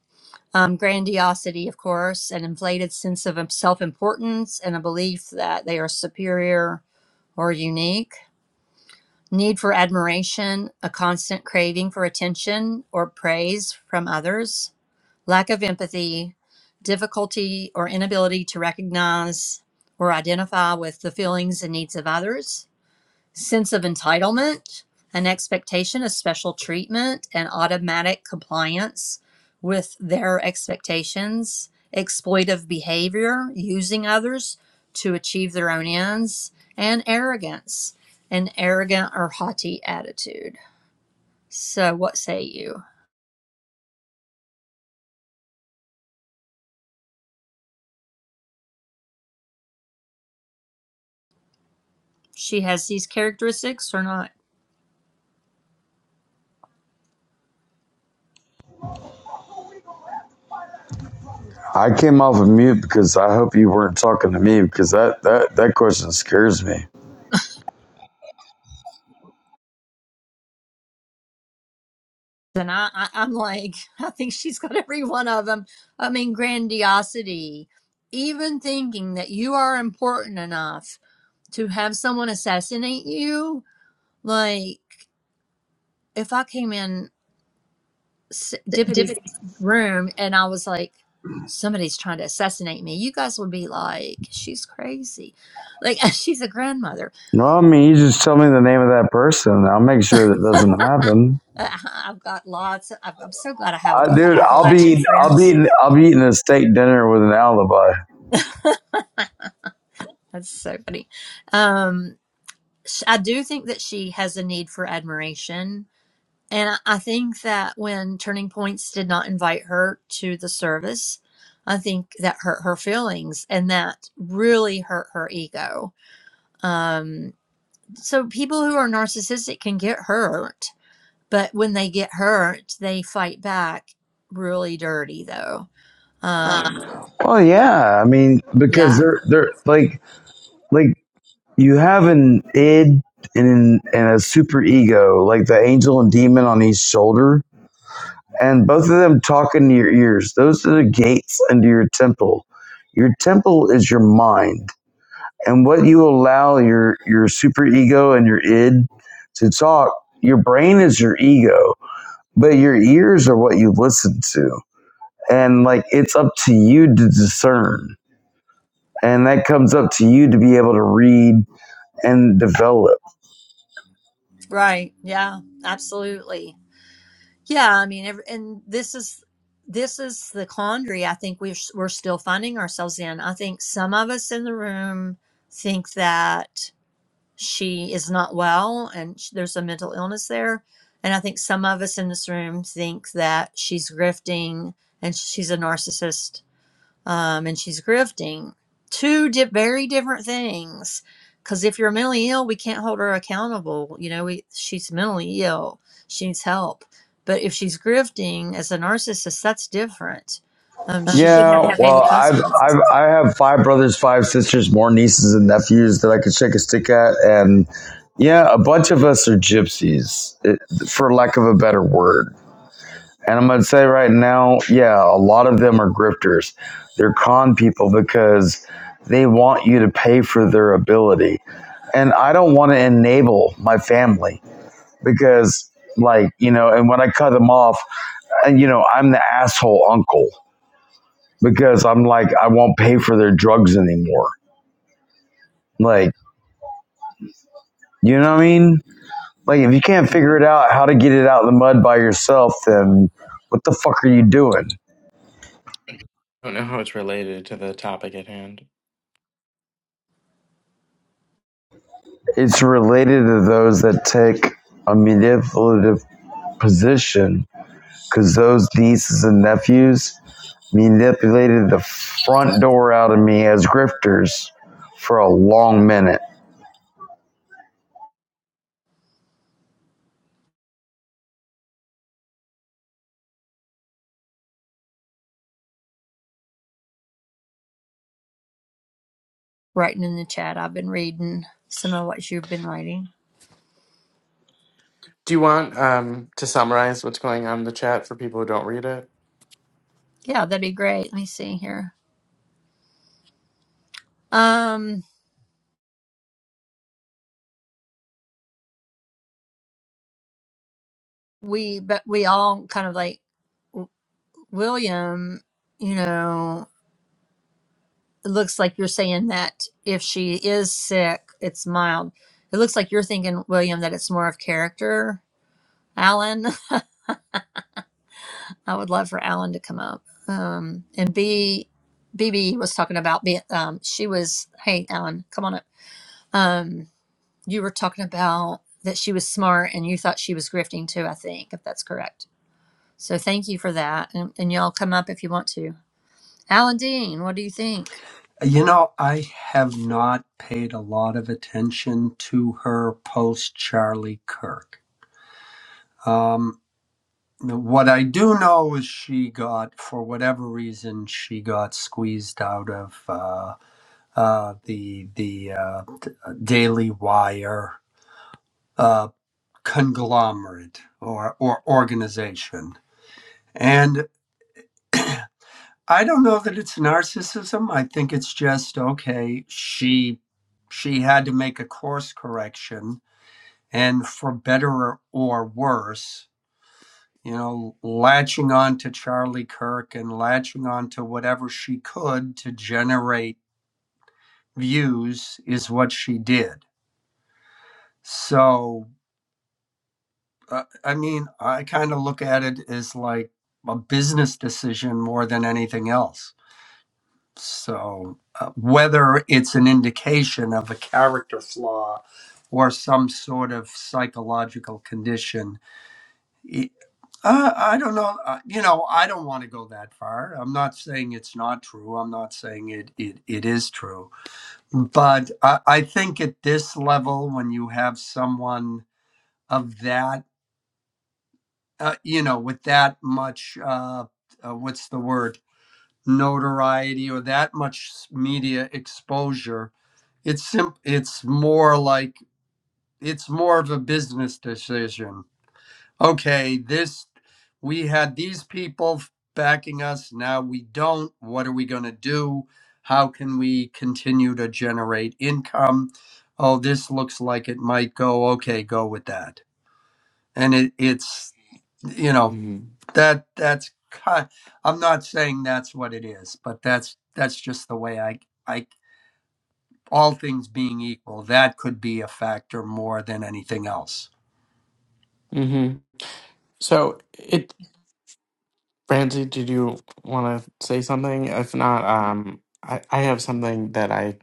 Um, grandiosity, of course, an inflated sense of self importance and a belief that they are superior or unique Need for admiration, a constant craving for attention or praise from others, lack of empathy, difficulty or inability to recognize or identify with the feelings and needs of others, sense of entitlement, an expectation of special treatment, and automatic compliance with their expectations, exploitive behavior, using others to achieve their own ends, and arrogance, an arrogant or haughty attitude. So, what say you? She has these characteristics or not?
I came off of mute because I hope you weren't talking to me because that, that, that question scares me.
And I, I, I'm like, I think she's got every one of them. I mean, grandiosity, even thinking that you are important enough to have someone assassinate you like if i came in s- deputy's room and i was like somebody's trying to assassinate me you guys would be like she's crazy like she's a grandmother
No, I mean, you just tell me the name of that person. and I'll make sure that doesn't happen.
Uh, i've got lots of, i'm I'm so glad i have a
I,
lot of
dude, I'll
appalachian
be, I'll be,
friends
I'll be eating a steak dinner with an alibi.
that's so funny um sh- i do think that she has a need for admiration And I think that when Turning Points did not invite her to the service, I think that hurt her feelings and that really hurt her ego. Um, so people who are narcissistic can get hurt, but when they get hurt, they fight back really dirty, though. Um,
Well, yeah, I mean, because
yeah,
they're, they're like, like you have an id and, and a super ego, like the angel and demon on each shoulder, and both of them talk into your ears. Those are the gates into your temple. Your temple is your mind, and what you allow your your super ego and your id to talk. Your brain is your ego, but your ears are what you listen to, and like it's up to you to discern, and that comes up to you to be able to read and develop.
right. Yeah, absolutely. Yeah, I mean, ev- and this is this is the quandary I think we're we're still finding ourselves in. I think some of us in the room think that she is not well and sh there's a mental illness there, and I think some of us in this room think that she's grifting and she's a narcissist um, and she's grifting. Two di- very different things. Because if you're mentally ill, we can't hold her accountable. You know, we, she's mentally ill. She needs help. But if she's grifting as a narcissist, that's different. Um, she should have
Yeah,
to pay the
well, I've
consequences.
I've I have five brothers, five sisters, more nieces and nephews that I could shake a stick at, and yeah, a bunch of us are gypsies, it- for lack of a better word. And I'm going to say right now, yeah, a lot of them are grifters. They're con people because they want you to pay for their ability. And I don't want to enable my family because, like, you know, and when I cut them off, and, you know, I'm the asshole uncle because I'm like, I won't pay for their drugs anymore. Like, you know what I mean? Like, if you can't figure it out how to get it out of the mud by yourself, then what the fuck are you doing?
I don't know how it's related to the topic at hand.
It's related to those that take a manipulative position because those nieces and nephews manipulated the front door out of me as grifters for a long minute.
Writing in the chat, I've been reading some of what you've been writing.
Do you want um, to summarize what's going on in the chat for people who don't read it?
Yeah, that'd be great. Let me see here. Um, we but we all kind of like w- William. You know, it looks like you're saying that if she is sick, it's mild. It looks like you're thinking, William, that it's more of character. Alan, I would love for Alan to come up. Um, and B, BB was talking about, be- um, she was, hey, Alan, come on up. Um, you were talking about that she was smart and you thought she was grifting too, I think, if that's correct. So thank you for that. And, and y'all come up if you want to. Alan Dean, what do you think?
You know, I have not paid a lot of attention to her post Charlie Kirk. Um, what I do know is she got, for whatever reason, she got squeezed out of uh, uh, the the uh, Daily Wire uh, conglomerate or or organization, and I don't know that it's narcissism. I think it's just okay. She she had to make a course correction and for better or worse, you know, latching on to Charlie Kirk and latching on to whatever she could to generate views is what she did. So, uh, I mean, I kind of look at it as like a business decision more than anything else. So, uh, whether it's an indication of a character flaw or some sort of psychological condition i- Uh, I don't know. Uh, you know, I don't want to go that far. I'm not saying it's not true. I'm not saying it it, it is true. But I, I think at this level, when you have someone of that, uh, you know, with that much, uh, uh, what's the word, notoriety or that much s- media exposure, it's simp- It's more like it's more of a business decision okay, this we had these people backing us, now we don't. What are we going to do? How can we continue to generate income? Oh, this looks like it might go. Okay, go with that. And it, it's you know
hmm
that that's ki- I'm not saying that's what it is, but that's that's just the way I I all things being equal, that could be a factor more than anything else.
hmm So, it, Ramsey, did you want to say something? If not, um, I, I have something that I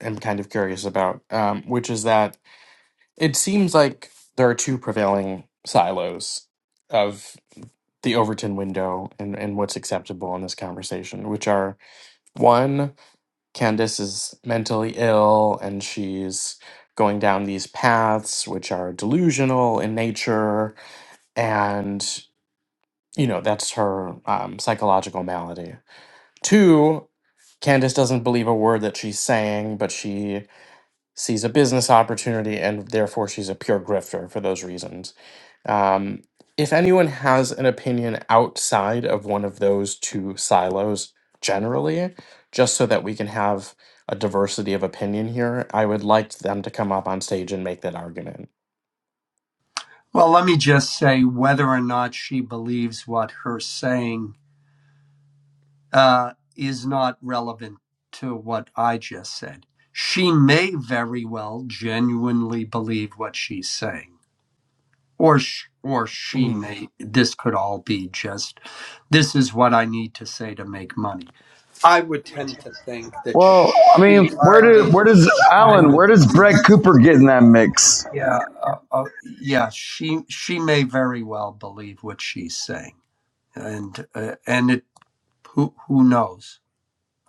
am kind of curious about, um, which is that it seems like there are two prevailing silos of the Overton window and, and what's acceptable in this conversation, which are one. Candace is mentally ill and she's going down these paths which are delusional in nature and you know that's her um, psychological malady two candace doesn't believe a word that she's saying but she sees a business opportunity and therefore she's a pure grifter for those reasons um, if anyone has an opinion outside of one of those two silos generally, just so that we can have a diversity of opinion here, I would like them to come up on stage and make that argument.
Well, let me just say whether or not she believes what her saying uh, is not relevant to what I just said. She may very well genuinely believe what she's saying, or sh- or she
Mhm.
may. This could all be just this is what I need to say to make money. I would tend to think that
Well, I
she
mean, where
kind
do
of
where does
she
Alan?
kind of
Where does Brett
believes.
Cooper get in that mix?
Yeah, uh, uh, yeah. She she may very well believe what she's saying. and uh, and it who who knows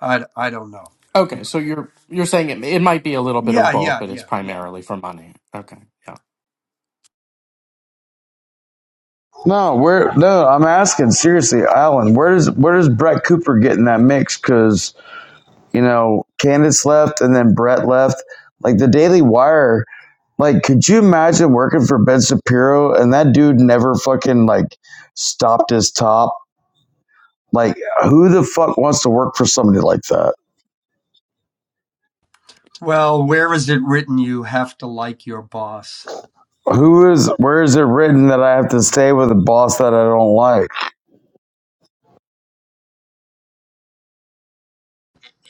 I, I don't know
Okay, so you're you're saying it, it might be a little bit of
yeah
both,
yeah
but it's
yeah yeah
primarily for money. Okay, yeah.
No, where? No, I'm asking seriously, Alan. Where does where does Brett Cooper get in that mix? Because you know, Candace left, and then Brett left. Like the Daily Wire Like, could you imagine working for Ben Shapiro and that dude never fucking like stopped his top? Like, who the fuck wants to work for somebody like that?
well where is it written you have to like your boss
Who is? Where is it written that I have to stay with a boss that I don't like?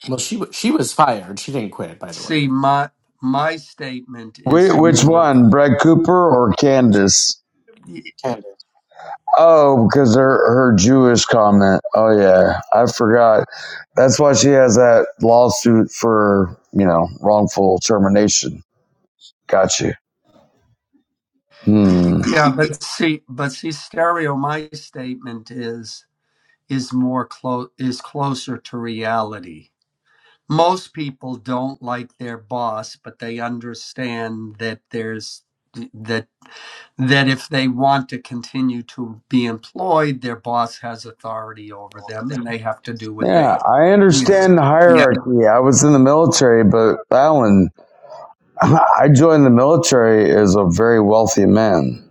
Well, she wa- she was fired. She didn't quit, by the way.
see my my statement is
Which
more
one, Brett Cooper or Candace? Oh, because her her Jewish comment. Oh yeah, I forgot. That's why she has that lawsuit for you know wrongful termination. Got you. Hmm.
yeah but see but see stereo my statement is is more close is closer to reality most people don't like their boss but they understand that there's that that if they want to continue to be employed, their boss has authority over them and they have to do what they.
Yeah, I
Yes.
understand the
Yeah.
hierarchy. I was in the military, but that one, I joined the military as a very wealthy man.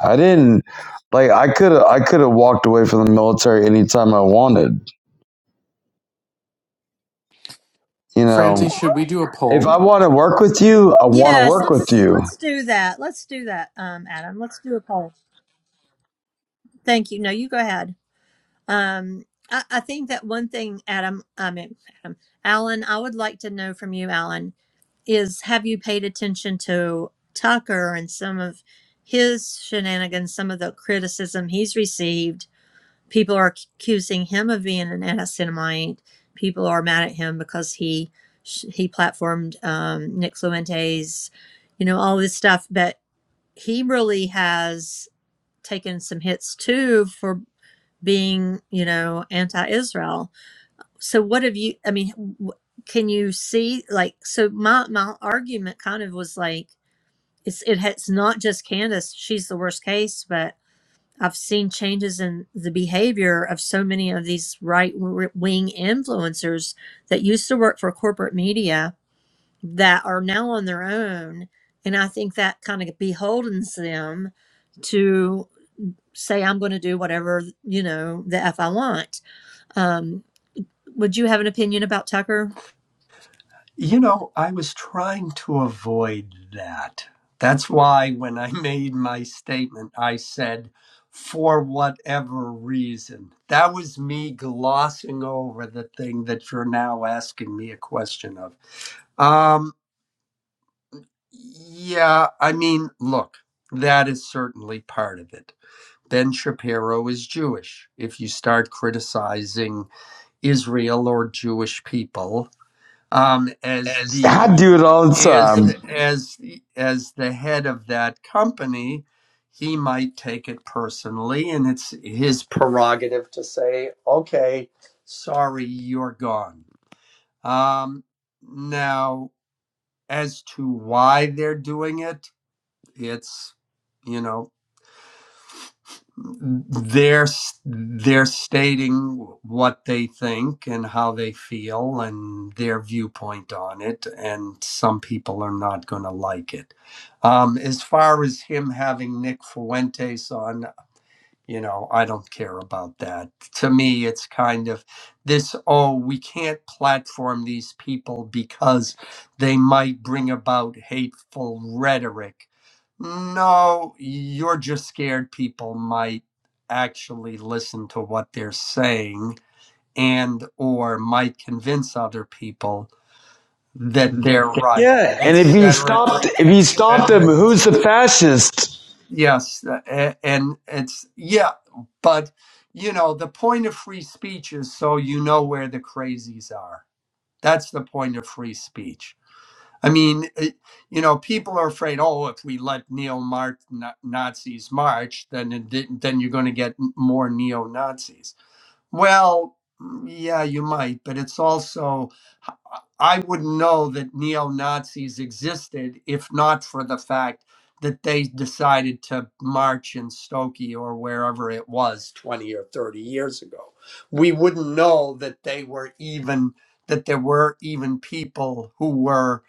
I didn't like. I could I could have walked away from the military anytime I wanted. You
Francie,
know,
should we do a
if I
poll?
want to work with you, I want to
Yes,
work with
let's
you.
let's do that. Let's do that, um, Adam. Let's do a poll. Thank you. No, you go ahead. Um, I, I think that one thing, Adam, I mean, Adam, Alan, I would like to know from you, Alan, is have you paid attention to Tucker and some of his shenanigans, some of the criticism he's received? People are accusing him of being an anti-Semite. People are mad at him because he he platformed um, Nick Fluente's, you know, all this stuff, but he really has taken some hits too for being, you know, anti-Israel. So what have you? I mean, can you see like? So my my argument kind of was like, it's it, it's not just Candace; she's the worst case, but. I've seen changes in the behavior of so many of these right wing influencers that used to work for corporate media that are now on their own. And I think that kind of beholdens them to say I'm going to do whatever, you know, the F I want. Um, would you have an opinion about Tucker?
You know, I was trying to avoid that. That's why when I made my statement, I said, for whatever reason. That was me glossing over the thing that you're now asking me a question of. Um, yeah, I mean, look, that is certainly part of it Ben Shapiro is Jewish. If you start criticizing Israel or Jewish people um, as the
I do it all the
as
time.
as as the head of that company, he might take it personally, and it's his prerogative to say, "Okay, sorry, you're gone." Um, now, as to why they're doing it, it's you know they're they're stating what they think and how they feel and their viewpoint on it and some people are not going to like it um, as far as him having nick fuentes on you know i don't care about that to me it's kind of this oh we can't platform these people because they might bring about hateful rhetoric no you're just scared people might actually listen to what they're saying and or might convince other people that they're right
Yeah, and if you
etc
stopped, if you stopped him,
etc
who's
etc
the fascist?
Yes, uh, a- and it's yeah, but you know, the point of free speech is so you know where the crazies are. That's the point of free speech. I mean, it, you know, people are afraid. Oh, if we let neo Nazis march, then it, didn't- then you're going to get m- more neo Nazis. Well, mm, yeah, you might, but it's also I wouldn't know that neo Nazis existed if not for the fact that they decided to march in Stokey or wherever it was 20 or 30 years ago. We wouldn't know that they were even, that there were even people who were,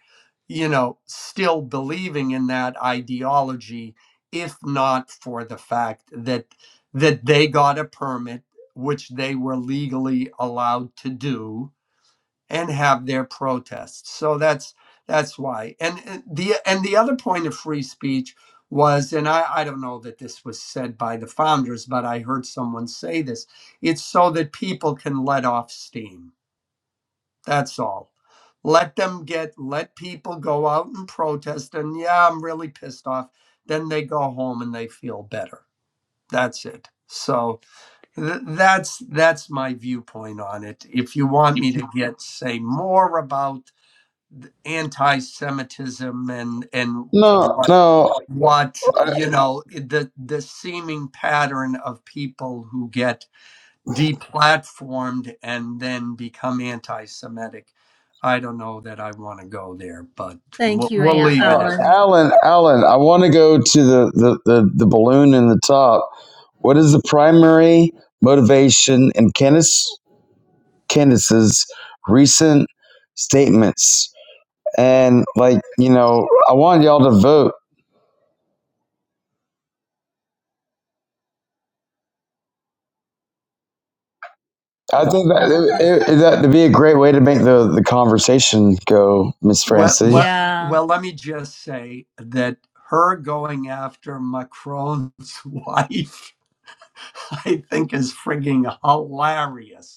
you know, still believing in that ideology if not for the fact that that they got a permit which they were legally allowed to do and have their protests. So that's that's why. And and the and the other point of free speech was, and I, I don't know that this was said by the founders, but I heard someone say this. It's so that people can let off steam. That's all. Let them get let people go out and protest and yeah, I'm really pissed off. Then they go home and they feel better. That's it. So th- that's that's my viewpoint on it. If you want me to get say more about anti-Semitism and and
No,
what
no,
what
uh,
you know the the seeming pattern of people who get deplatformed and then become anti-Semitic. I don't know that I want to go there, but we'll,
Thank you,
we'll
Aunt
leave it at
uh,
Ellen.
that.
Alan, Alan. I want to go to the, the the the balloon in the top. What is the primary motivation in Candace Candace's recent statements? And like you know, I want y'all to vote. I think that it, it, that would be a great way to make the the conversation go, Miss
Well,
Francie.
well,
Yeah.
well, let me just say that her going after Macron's wife, I think, is frigging hilarious.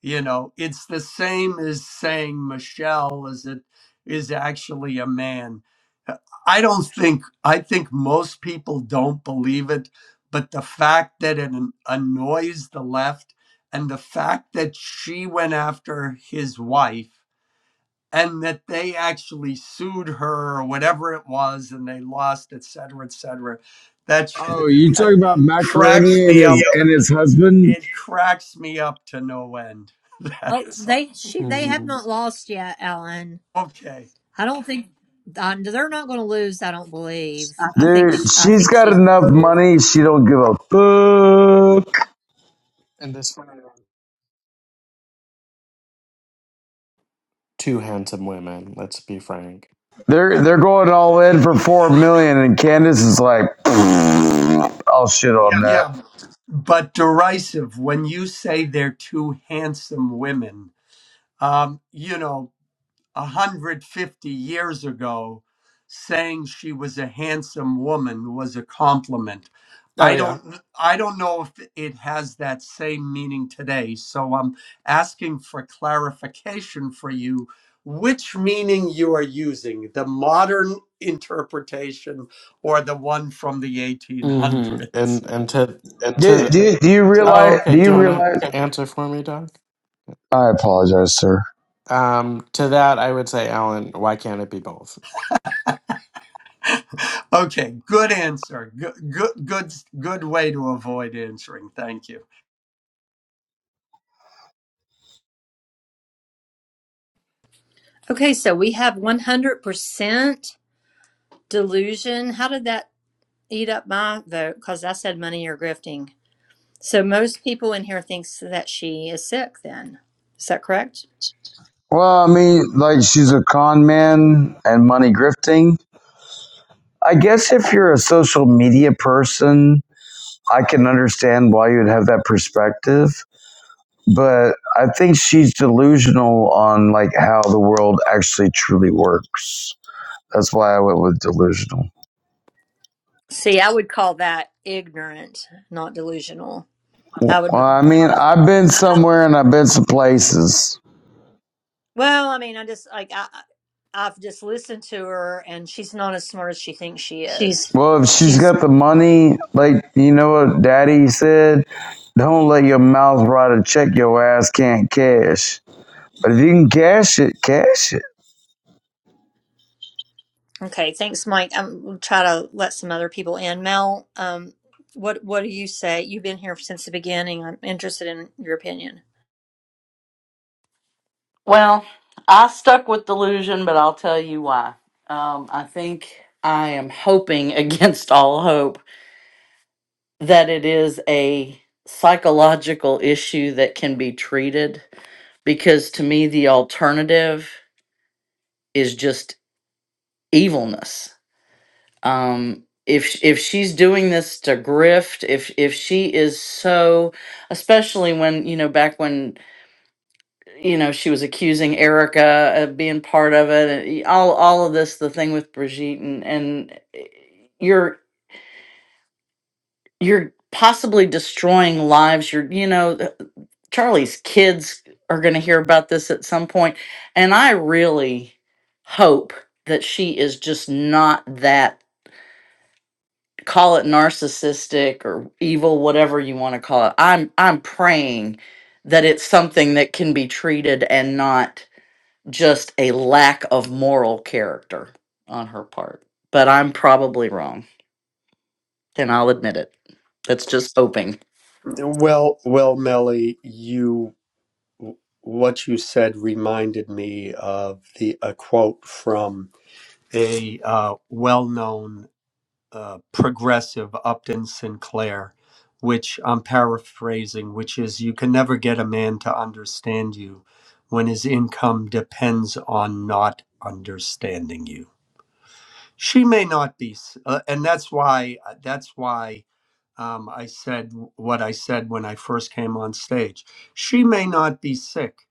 You know, it's the same as saying Michelle is it is actually a man. Uh, I don't think I think most people don't believe it, but the fact that it an- annoys the left and the fact that she went after his wife and that they actually sued her or whatever it was and they lost, et cetera, et cetera. That, that cracks me up to it cracks me up to no end.
Oh,
That's all.
they she they have
hmm
not lost yet, Ellen.
Okay.
I don't think uh, they're not going to lose. I don't believe. I think
Dude,
sh- I
she's
think
got
she's going to
enough
lose.
money. She don't give a fuck.
Two handsome women. Let's be frank.
They're they're going all in for four million, and Candace is like, "I'll shit on that."
Yeah. But derisive when you say they're two handsome women. Um, you know, 150 years ago saying she was a handsome woman was a compliment.
Oh
I
yeah.
don't I don't know if it has that same meaning today. So I'm asking for clarification for you which meaning you are using, the modern interpretation or the one from the
hmm
1800s.
And and to
Do,
to
do, do you
Oh,
realize? Do
okay. Do
you
you want
realize?
to answer for me, Doc?
I apologize, sir.
Um, to that, I would say, Alan, why can't it be both?
okay, good answer. Good good good good way to avoid answering. Thank you.
Okay, so we have one hundred percent delusion. How did that eat up my vote? Because I said money or grifting. So most people in here thinks that she is sick. Then is that correct?
Well, I mean, like she's a con man and money grifting. I guess if you're a social media person I can understand why you'd have that perspective, but I think she's delusional on like how the world actually truly works. That's why I went with delusional.
See, I would call that ignorant, not delusional.
Well,
I would become.
I mean,
I,
I've been
I-
somewhere and I've been some places.
well, I mean, I just like I, I- I've just listened to her, and she's not as smart as she thinks she is.
Well, if she's
She's
got the money, like you know what Daddy said, don't let your mouth rot a check your ass can't cash. But if you can cash it, cash it.
okay. Thanks, Mike. I'm we'll try to let some other people in. Mel, um, what what do you say? You've been here since the beginning. I'm interested in your opinion.
Well, I stuck with delusion, but I'll tell you why. Um, I think I am hoping against all hope that it is a psychological issue that can be treated because to me, the alternative is just evilness. Um, if if she's doing this to grift, if if she is so, especially when you know back when you know, she was accusing Erica of being part of it, and all all of this, the thing with Brigitte, and and eh, you're you're possibly destroying lives. You're you know, Charlie's kids are going to hear about this at some point, and I really hope that she is just not that call it narcissistic or evil whatever you want to call it i'm i'm praying that it's something that can be treated and not just a lack of moral character on her part. But I'm probably wrong, and I'll admit it. That's just hoping.
Well, well, Melly, you what you said reminded me of the a quote from a uh, well-known uh, progressive Upton Sinclair, which I'm paraphrasing, which is you can never get a man to understand you when his income depends on not understanding you. She may not be, s- uh, and that's why uh, that's why um, I said what I said when I first came on stage. She may not be sick,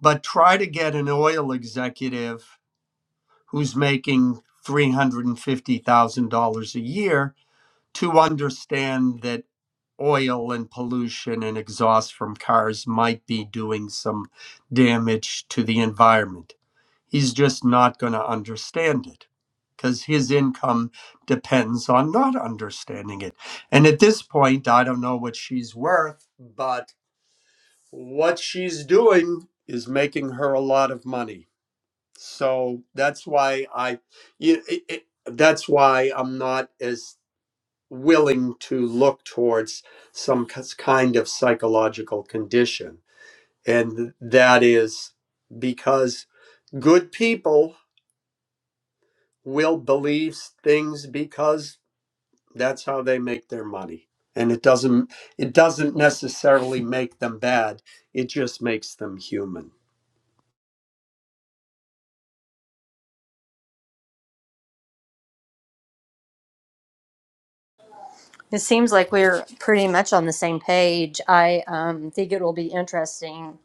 but try to get an oil executive who's making $350,000 a year to understand that oil and pollution and exhaust from cars might be doing some damage to the environment. He's just not going to understand it because his income depends on not understanding it. And at this point, I don't know what she's worth, but what she's doing is making her a lot of money. So that's why I, it, it, that's why I'm not as willing to look towards some kind of psychological condition. And that is because good people will believe things because that's how they make their money. And it doesn't it doesn't necessarily make them bad. It just makes them human.
It seems like we're pretty much on the same page. I um, think it will be interesting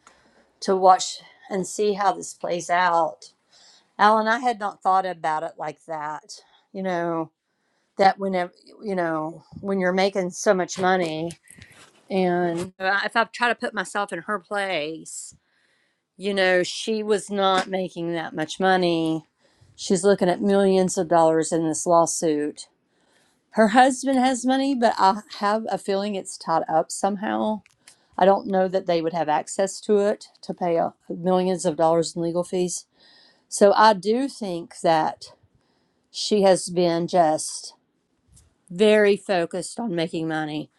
to watch and see how this plays out Alan, I had not thought about it like that. You know, that whenever, you know, when you're making so much money, and if I try to put myself in her place, you know, she was not making that much money. She's looking at millions of dollars in this lawsuit. Her husband has money, but I have a feeling it's tied up somehow. I don't know that they would have access to it to pay uh, millions of dollars in legal fees. So I do think that. she has been just very focused on making money.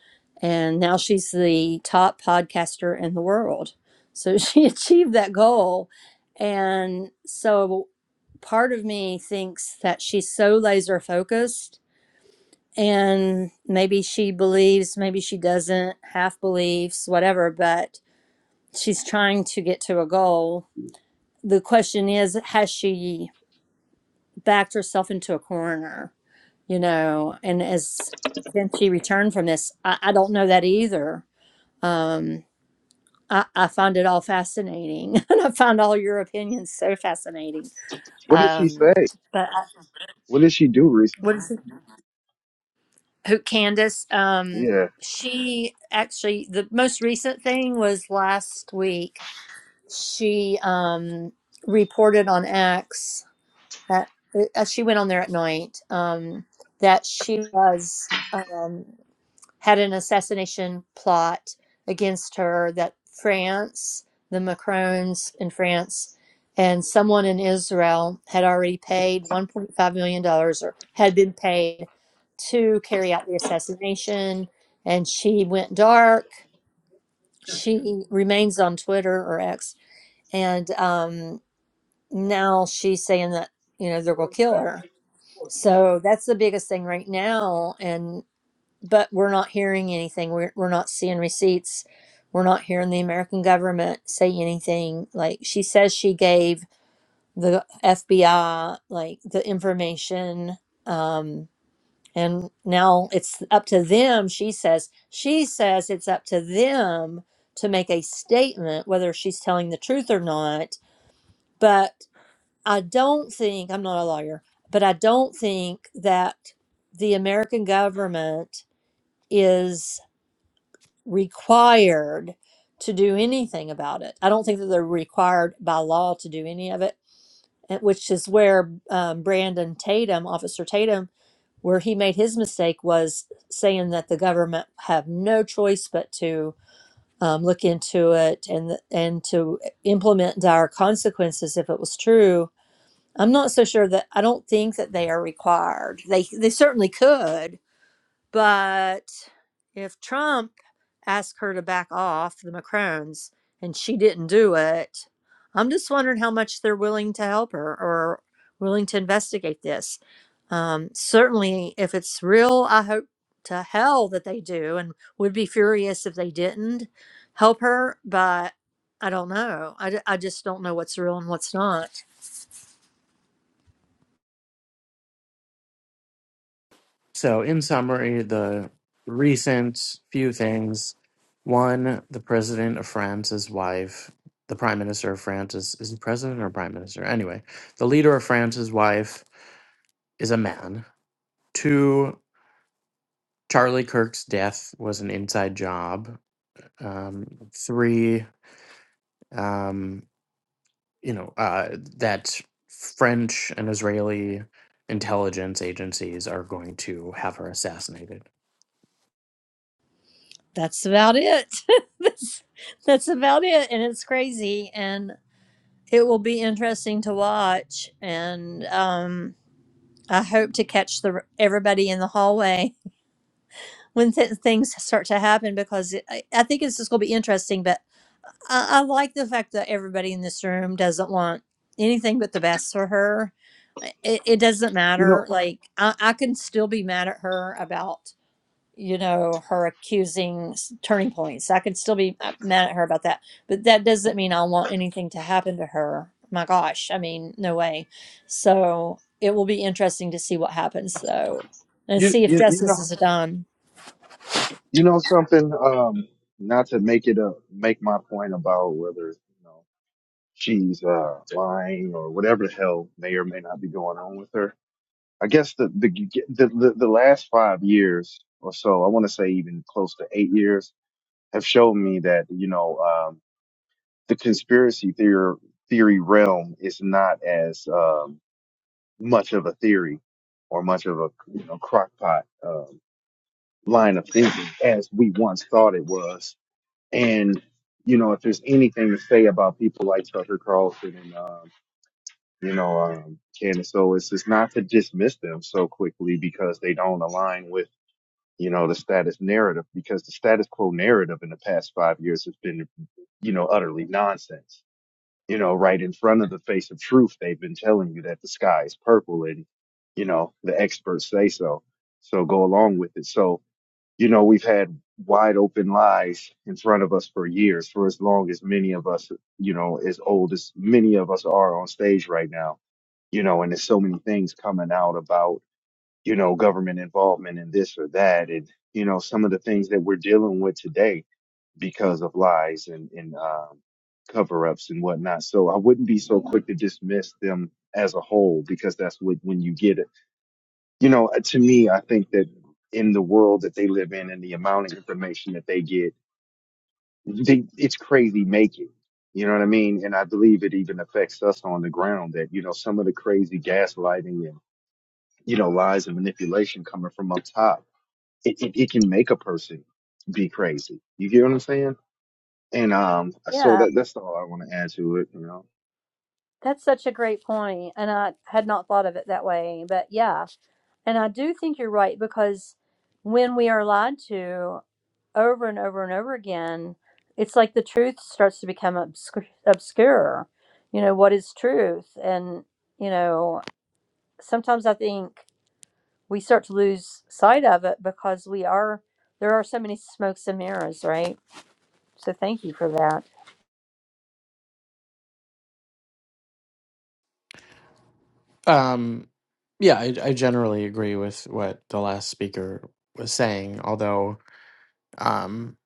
And now she's the top podcaster in the world. So she achieved that goal. And so part of me thinks that she's so laser focused and maybe she believes, maybe she doesn't, half believes, whatever, but she's trying to get to a goal. The question is, has she backed herself into a corner? you know and as since she returned from this i, I don't know that either um I, I find it all fascinating and i find all your opinions so fascinating
What did she
um
say?
but I,
What did she do
what
recently?
is it who candace um
Yeah.
she actually the most recent thing was last week she um reported on x that uh, she went on there at night um that she was um had an assassination plot against her that France, the Macrons in France, and someone in Israel had already paid $1.5 million dollars or had been paid to carry out the assassination. And she went dark. She remains on Twitter or X. And um, now she's saying that, you know, they're going to kill her. So that's the biggest thing right now. and but we're not hearing anything. We're, we're not seeing receipts. We're not hearing the American government say anything. Like she says, she gave the FBI like the information, um, and now it's up to them. She says she says it's up to them to make a statement whether she's telling the truth or not. But I don't think I'm not a lawyer, but I don't think that the American government is. required to do anything about it. I don't think that they're required by law to do any of it, eh, which is where um, Brandon Tatum, Officer Tatum, where he made his mistake was saying that the government have no choice but to um, look into it and and to implement dire consequences if it was true. I'm not so sure that I don't think that they are required. They they certainly could, but if Trump asked her to back off the Macrons and she didn't do it, I'm just wondering how much they're willing to help her or willing to investigate this. Um, certainly, if it's real, I hope to hell that they do and would be furious if they didn't help her. But I don't know. I, d- I just don't know what's real and what's not.
So, in summary, the recent few things one, the president of France's wife, the prime minister of France is, is he president or prime minister? Anyway, the leader of France's wife is a man. Two, Charlie Kirk's death was an inside job. Um, three, um, you know uh, that French and Israeli intelligence agencies are going to have her assassinated.
That's about it. that's, that's about it. And it's crazy. and. it will be interesting to watch and um i hope to catch the everybody in the hallway when th- things start to happen because it, I, I think it's just going to be interesting but I, I like the fact that everybody in this room doesn't want anything but the best for her I- it, it doesn't
You know,
matter like I, I can still be mad at her about you know, her accusing turning points. I could still be uh, mad at her about that, but that doesn't mean I want anything to happen to her. My gosh, I mean, no way. So it will be interesting to see what happens, though, and
you,
see if
you, you
justice
know,
is done.
you know something, um, not to make it a make my point about whether, you know, she's, uh, lying or whatever the hell may or may not be going on with her. I guess the, the, the, the, the last five years or so, I want to say even close to eight years have shown me that, you know, um, the conspiracy theory, theory realm is not as, um, much of a theory or much of a you know crockpot uh, line of thinking as we once thought it was. And you know, if there's anything to say about people like Tucker Carlson and um, you know um, Candace Owens, it's not to dismiss them so quickly because they don't align with you know the status narrative because the status quo narrative in the past five years has been you know utterly nonsense you know, right in front of the face of truth, they've been telling you that the sky is purple and, you know, the experts say so. So go along with it. So, you know, we've had wide open lies in front of us for years, for as long as many of us, you know, as old as many of us are on stage right now, you know, and there's so many things coming out about, you know, government involvement in this or that. And, you know, some of the things that we're dealing with today because of lies and, and um, cover ups and whatnot. So I wouldn't be so quick to dismiss them as a whole because that's what, when you get it. You know, to me, I think that in the world that they live in and the amount of information that they get, they, it's crazy making. You know what I mean? And I believe it even affects us on the ground that, you know, some of the crazy gaslighting and, you know, lies and manipulation coming from up top, it, it, it can make a person be crazy. You get what I'm saying? And um, so
Yeah,
that that's all I want to add to it, you know.
that's such a great point, and I had not thought of it that way. But yeah, And I do think you're right because when we are lied to over and over and over again, it's like the truth starts to become obscure. obscure. You know, what is truth? And, you know, sometimes I think we start to lose sight of it because we are, there are so many smokes and mirrors, right? So thank you for that.
Um, yeah, I, I generally agree with what the last speaker was saying, although um,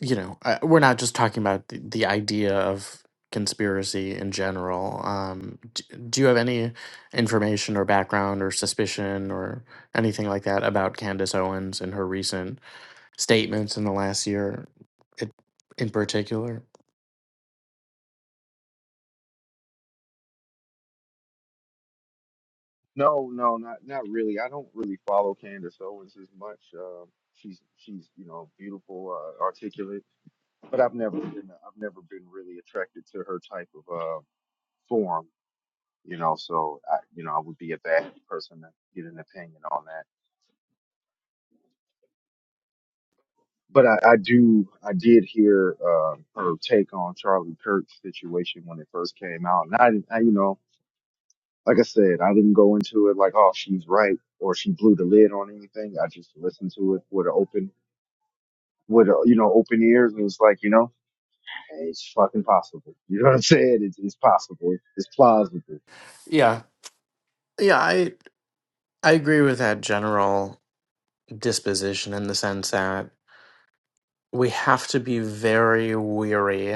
you know I, we're not just talking about the, the idea of conspiracy in general. Um, d- do you have any information or background or suspicion or anything like that about Candace Owens and her recent? statements in the last year in in particular.
No, no, not not really. I don't really follow Candace Owens as much. Um, she's she's you know beautiful, uh, articulate, but I've never been I've never been really attracted to her type of uh form, you know. So I you know I would be a bad person to get an opinion on that. But I, I do I did hear uh, her take on Charlie Kirk's situation when it first came out, and I I you know like I said, I didn't go into it like, oh, she's right or she blew the lid on anything. I just listened to it with an open, with a, you know, open ears, and it's like, you know, hey, it's fucking possible. You know what I'm saying? It's, it's possible. It's plausible.
Yeah. Yeah, I I agree with that general disposition in the sense that we have to be very weary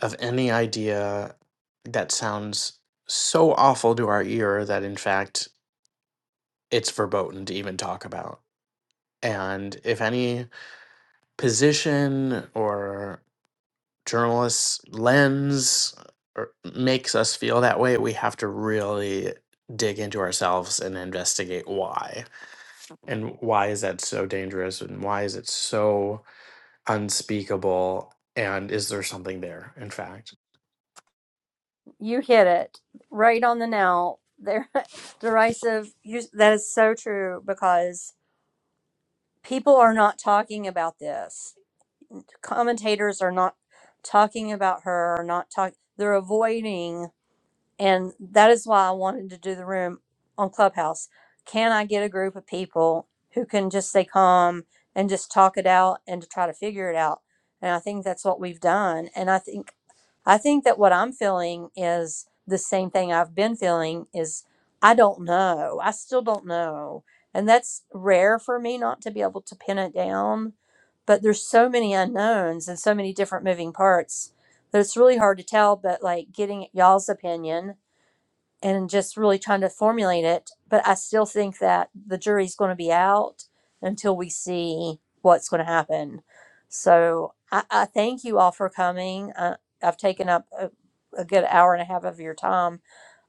of any idea that sounds so awful to our ear that in fact it's verboten to even talk about. And if any position or journalists' lens or makes us feel that way, we have to really dig into ourselves and investigate why. And why is that so dangerous? And why is it so unspeakable? And is there something there, in fact?
You hit it right on the nail. there. derisive. You, that is so true because people are not talking about this commentators are not talking about her or not talk they're avoiding and that is why I wanted to do the room on Clubhouse. Can I get a group of people who can just stay calm and just talk it out and to try to figure it out? And I think that's what we've done. And I think I think that what I'm feeling is the same thing I've been feeling is I don't know. I still don't know. And that's rare for me not to be able to pin it down. But there's so many unknowns and so many different moving parts that it's really hard to tell. But like getting y'all's opinion and just really trying to formulate it. But I still think that the jury's going to be out until we see what's going to happen. So I, I thank you all for coming. Uh, I've taken up a, a good hour and a half of your time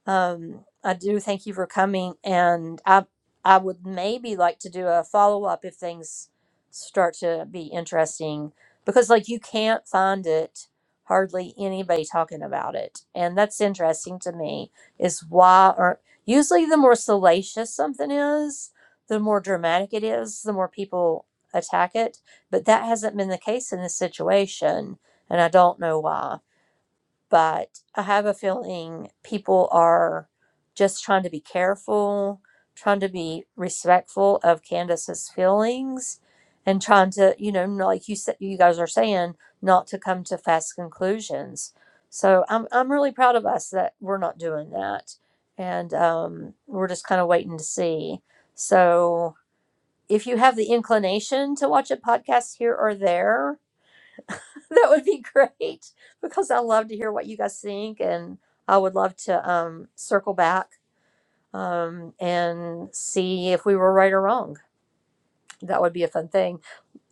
um, I do thank you for coming, and I I would maybe like to do a follow up if things start to be interesting because like you can't find it hardly anybody talking about it and that's interesting to me is why are not usually the more salacious something is the more dramatic it is the more people attack it but that hasn't been the case in this situation and i don't know why but I have a feeling people are just trying to be careful, trying to be respectful of Candace's feelings, and trying to, you know, like you said, you guys are saying, not to come to fast conclusions. So I'm I'm really proud of us that we're not doing that, and um, we're just kind of waiting to see. So if you have the inclination to watch a podcast here or there, that would be great because I love to hear what you guys think, and I would love to um, circle back um, and see if we were right or wrong. That would be a fun thing.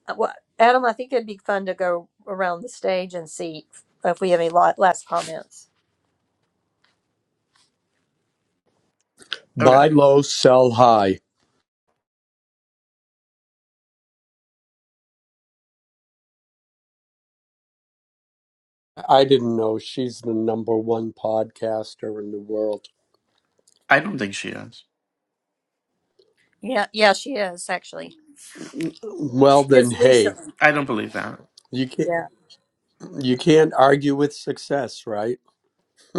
Uh, Well, Adam, I think it'd be fun to go around the stage and see if we have any la- last comments.
Okay.
Buy low, sell high. I didn't know she's the number one podcaster in the world.
I don't think she is.
Yeah, yeah, she is actually.
Well
She
then,
is
hey,
recently.
I don't believe that.
you can.
Yeah.
You can't argue with success, right?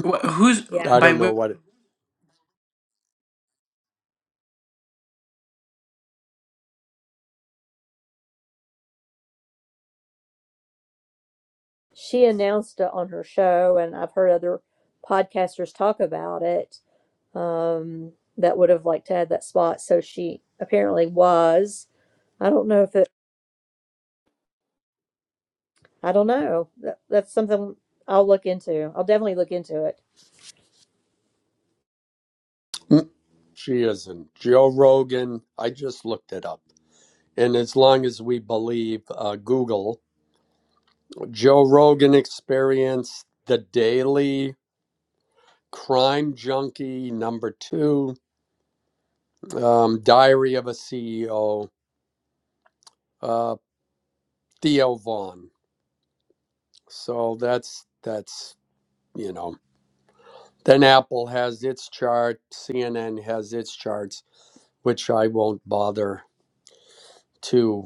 Wh- who's
I
Yeah,
by
don't know
wh-
what it,
she announced it on her show, and I've heard other podcasters talk about it. um, that would have liked to have that spot. So she apparently was. I don't know if it. I don't know. That, that's something I'll look into. I'll definitely look into it.
Mm, she isn't. Joe Rogan, I just looked it up. And as long as we believe uh, Google, Joe Rogan experience, the daily crime junkie, number two, um, diary of a CEO, uh, Theo Vaughn. So that's, that's, you know, then Apple has its chart, CNN has its charts, which I won't bother to.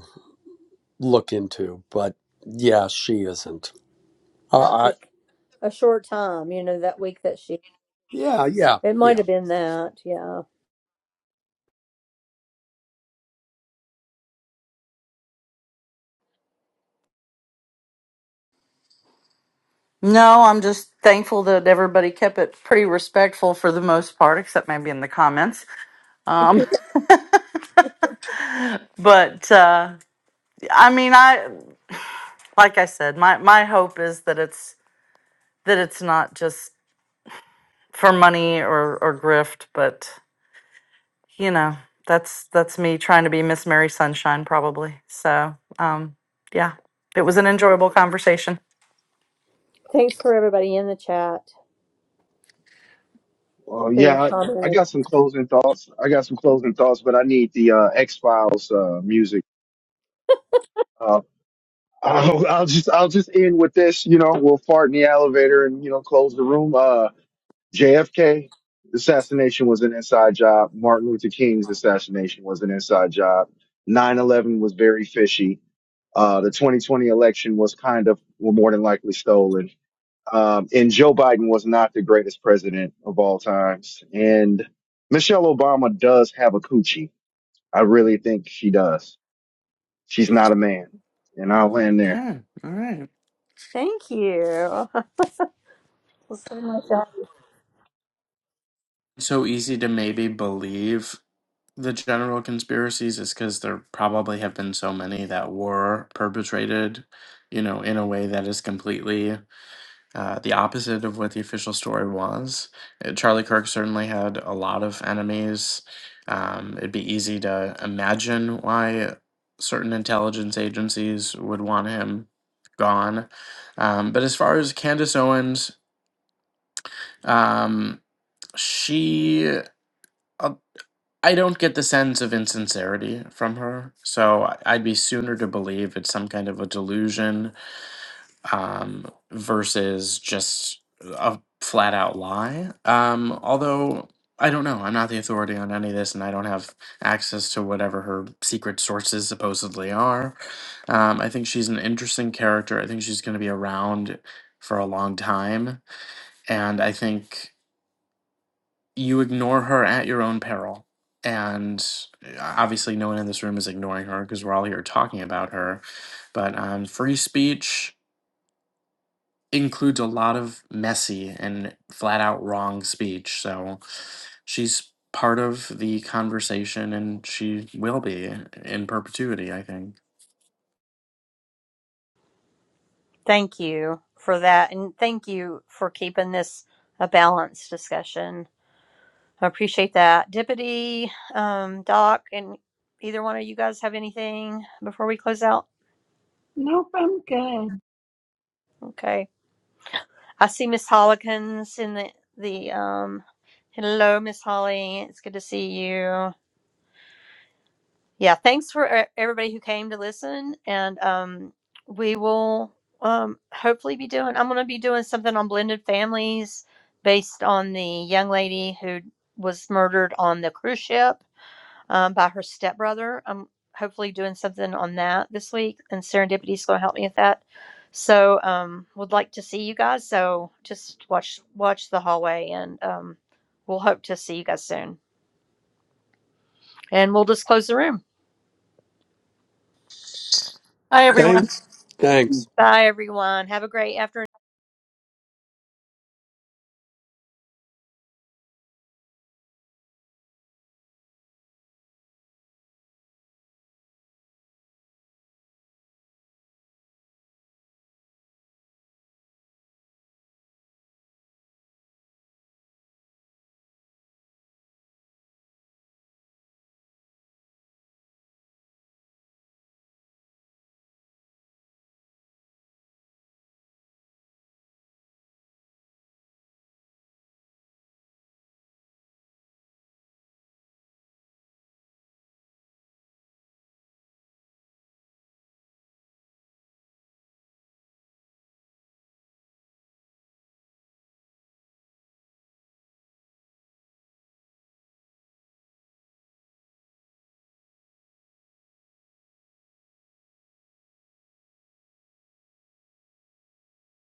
look into, but yeah, she isn't. Uh, I,
Like a short time, you know, that week that she.
yeah, yeah,
It might
yeah.
have been that. Yeah.
No, I'm just thankful that everybody kept it pretty respectful for the most part, except maybe in the comments. Um, but uh, I mean, I like I said, my my hope is that it's that it's not just for money or or grift, but you know, that's that's me trying to be Miss Mary Sunshine, probably. So, um, yeah, it was an enjoyable conversation.
Thanks for everybody in the chat
Well,
who
yeah, I, I
commented.
got some closing thoughts. I got some closing thoughts, but I need the uh, X Files uh, music. Uh, I'll, I'll just, I'll just end with this. You know, we'll fart in the elevator and you know, close the room. Uh, JFK assassination was an inside job. Martin Luther King's assassination was an inside job. 9-11 was very fishy. Uh, the 2020 election was kind of, well, more than likely stolen. Um, and Joe Biden was not the greatest president of all times. And Michelle Obama does have a coochie. I really think she does. She's not a man. And I'll land there.
Okay. All right.
Thank you. So much.
so easy to maybe believe? the general conspiracies is because there probably have been so many that were perpetrated, you know, in a way that is completely uh, the opposite of what the official story was. Uh, Charlie Kirk certainly had a lot of enemies. Um, it'd be easy to imagine why certain intelligence agencies would want him gone. Um, but as far as Candace Owens, um, she. uh, I don't get the sense of insincerity from her, so I- I'd be sooner to believe it's some kind of a delusion um, versus just a flat out lie. Um, although I don't know, I'm not the authority on any of this, and I don't have access to whatever her secret sources supposedly are. Um, I think she's an interesting character. I think she's going to be around for a long time, and I think you ignore her at your own peril. And uh, obviously, no one in this room is ignoring her because we're all here talking about her. But um, free speech includes a lot of messy and flat out wrong speech. So she's part of the conversation and she will be in perpetuity, I think.
Thank you for that, and thank you for keeping this a balanced discussion. I appreciate that. Deputy, um, Doc, and either one of you guys have anything before we close out?
Nope, I'm good.
Okay. I see Miss Hollikins in the, the, um, hello, Miss Holly. It's good to see you. Yeah. Thanks for e- everybody who came to listen. And, um, we will, um, hopefully be doing, I'm going to be doing something on blended families based on the young lady who was murdered on the cruise ship um, by her stepbrother. I'm hopefully doing something on that this week, and Serendipity is going to help me with that. So, um, would like to see you guys. So, just watch watch the hallway, and um, we'll hope to see you guys soon. And we'll just close the room.
Hi, everyone.
Thanks. Thanks.
Bye, everyone. Have a great afternoon.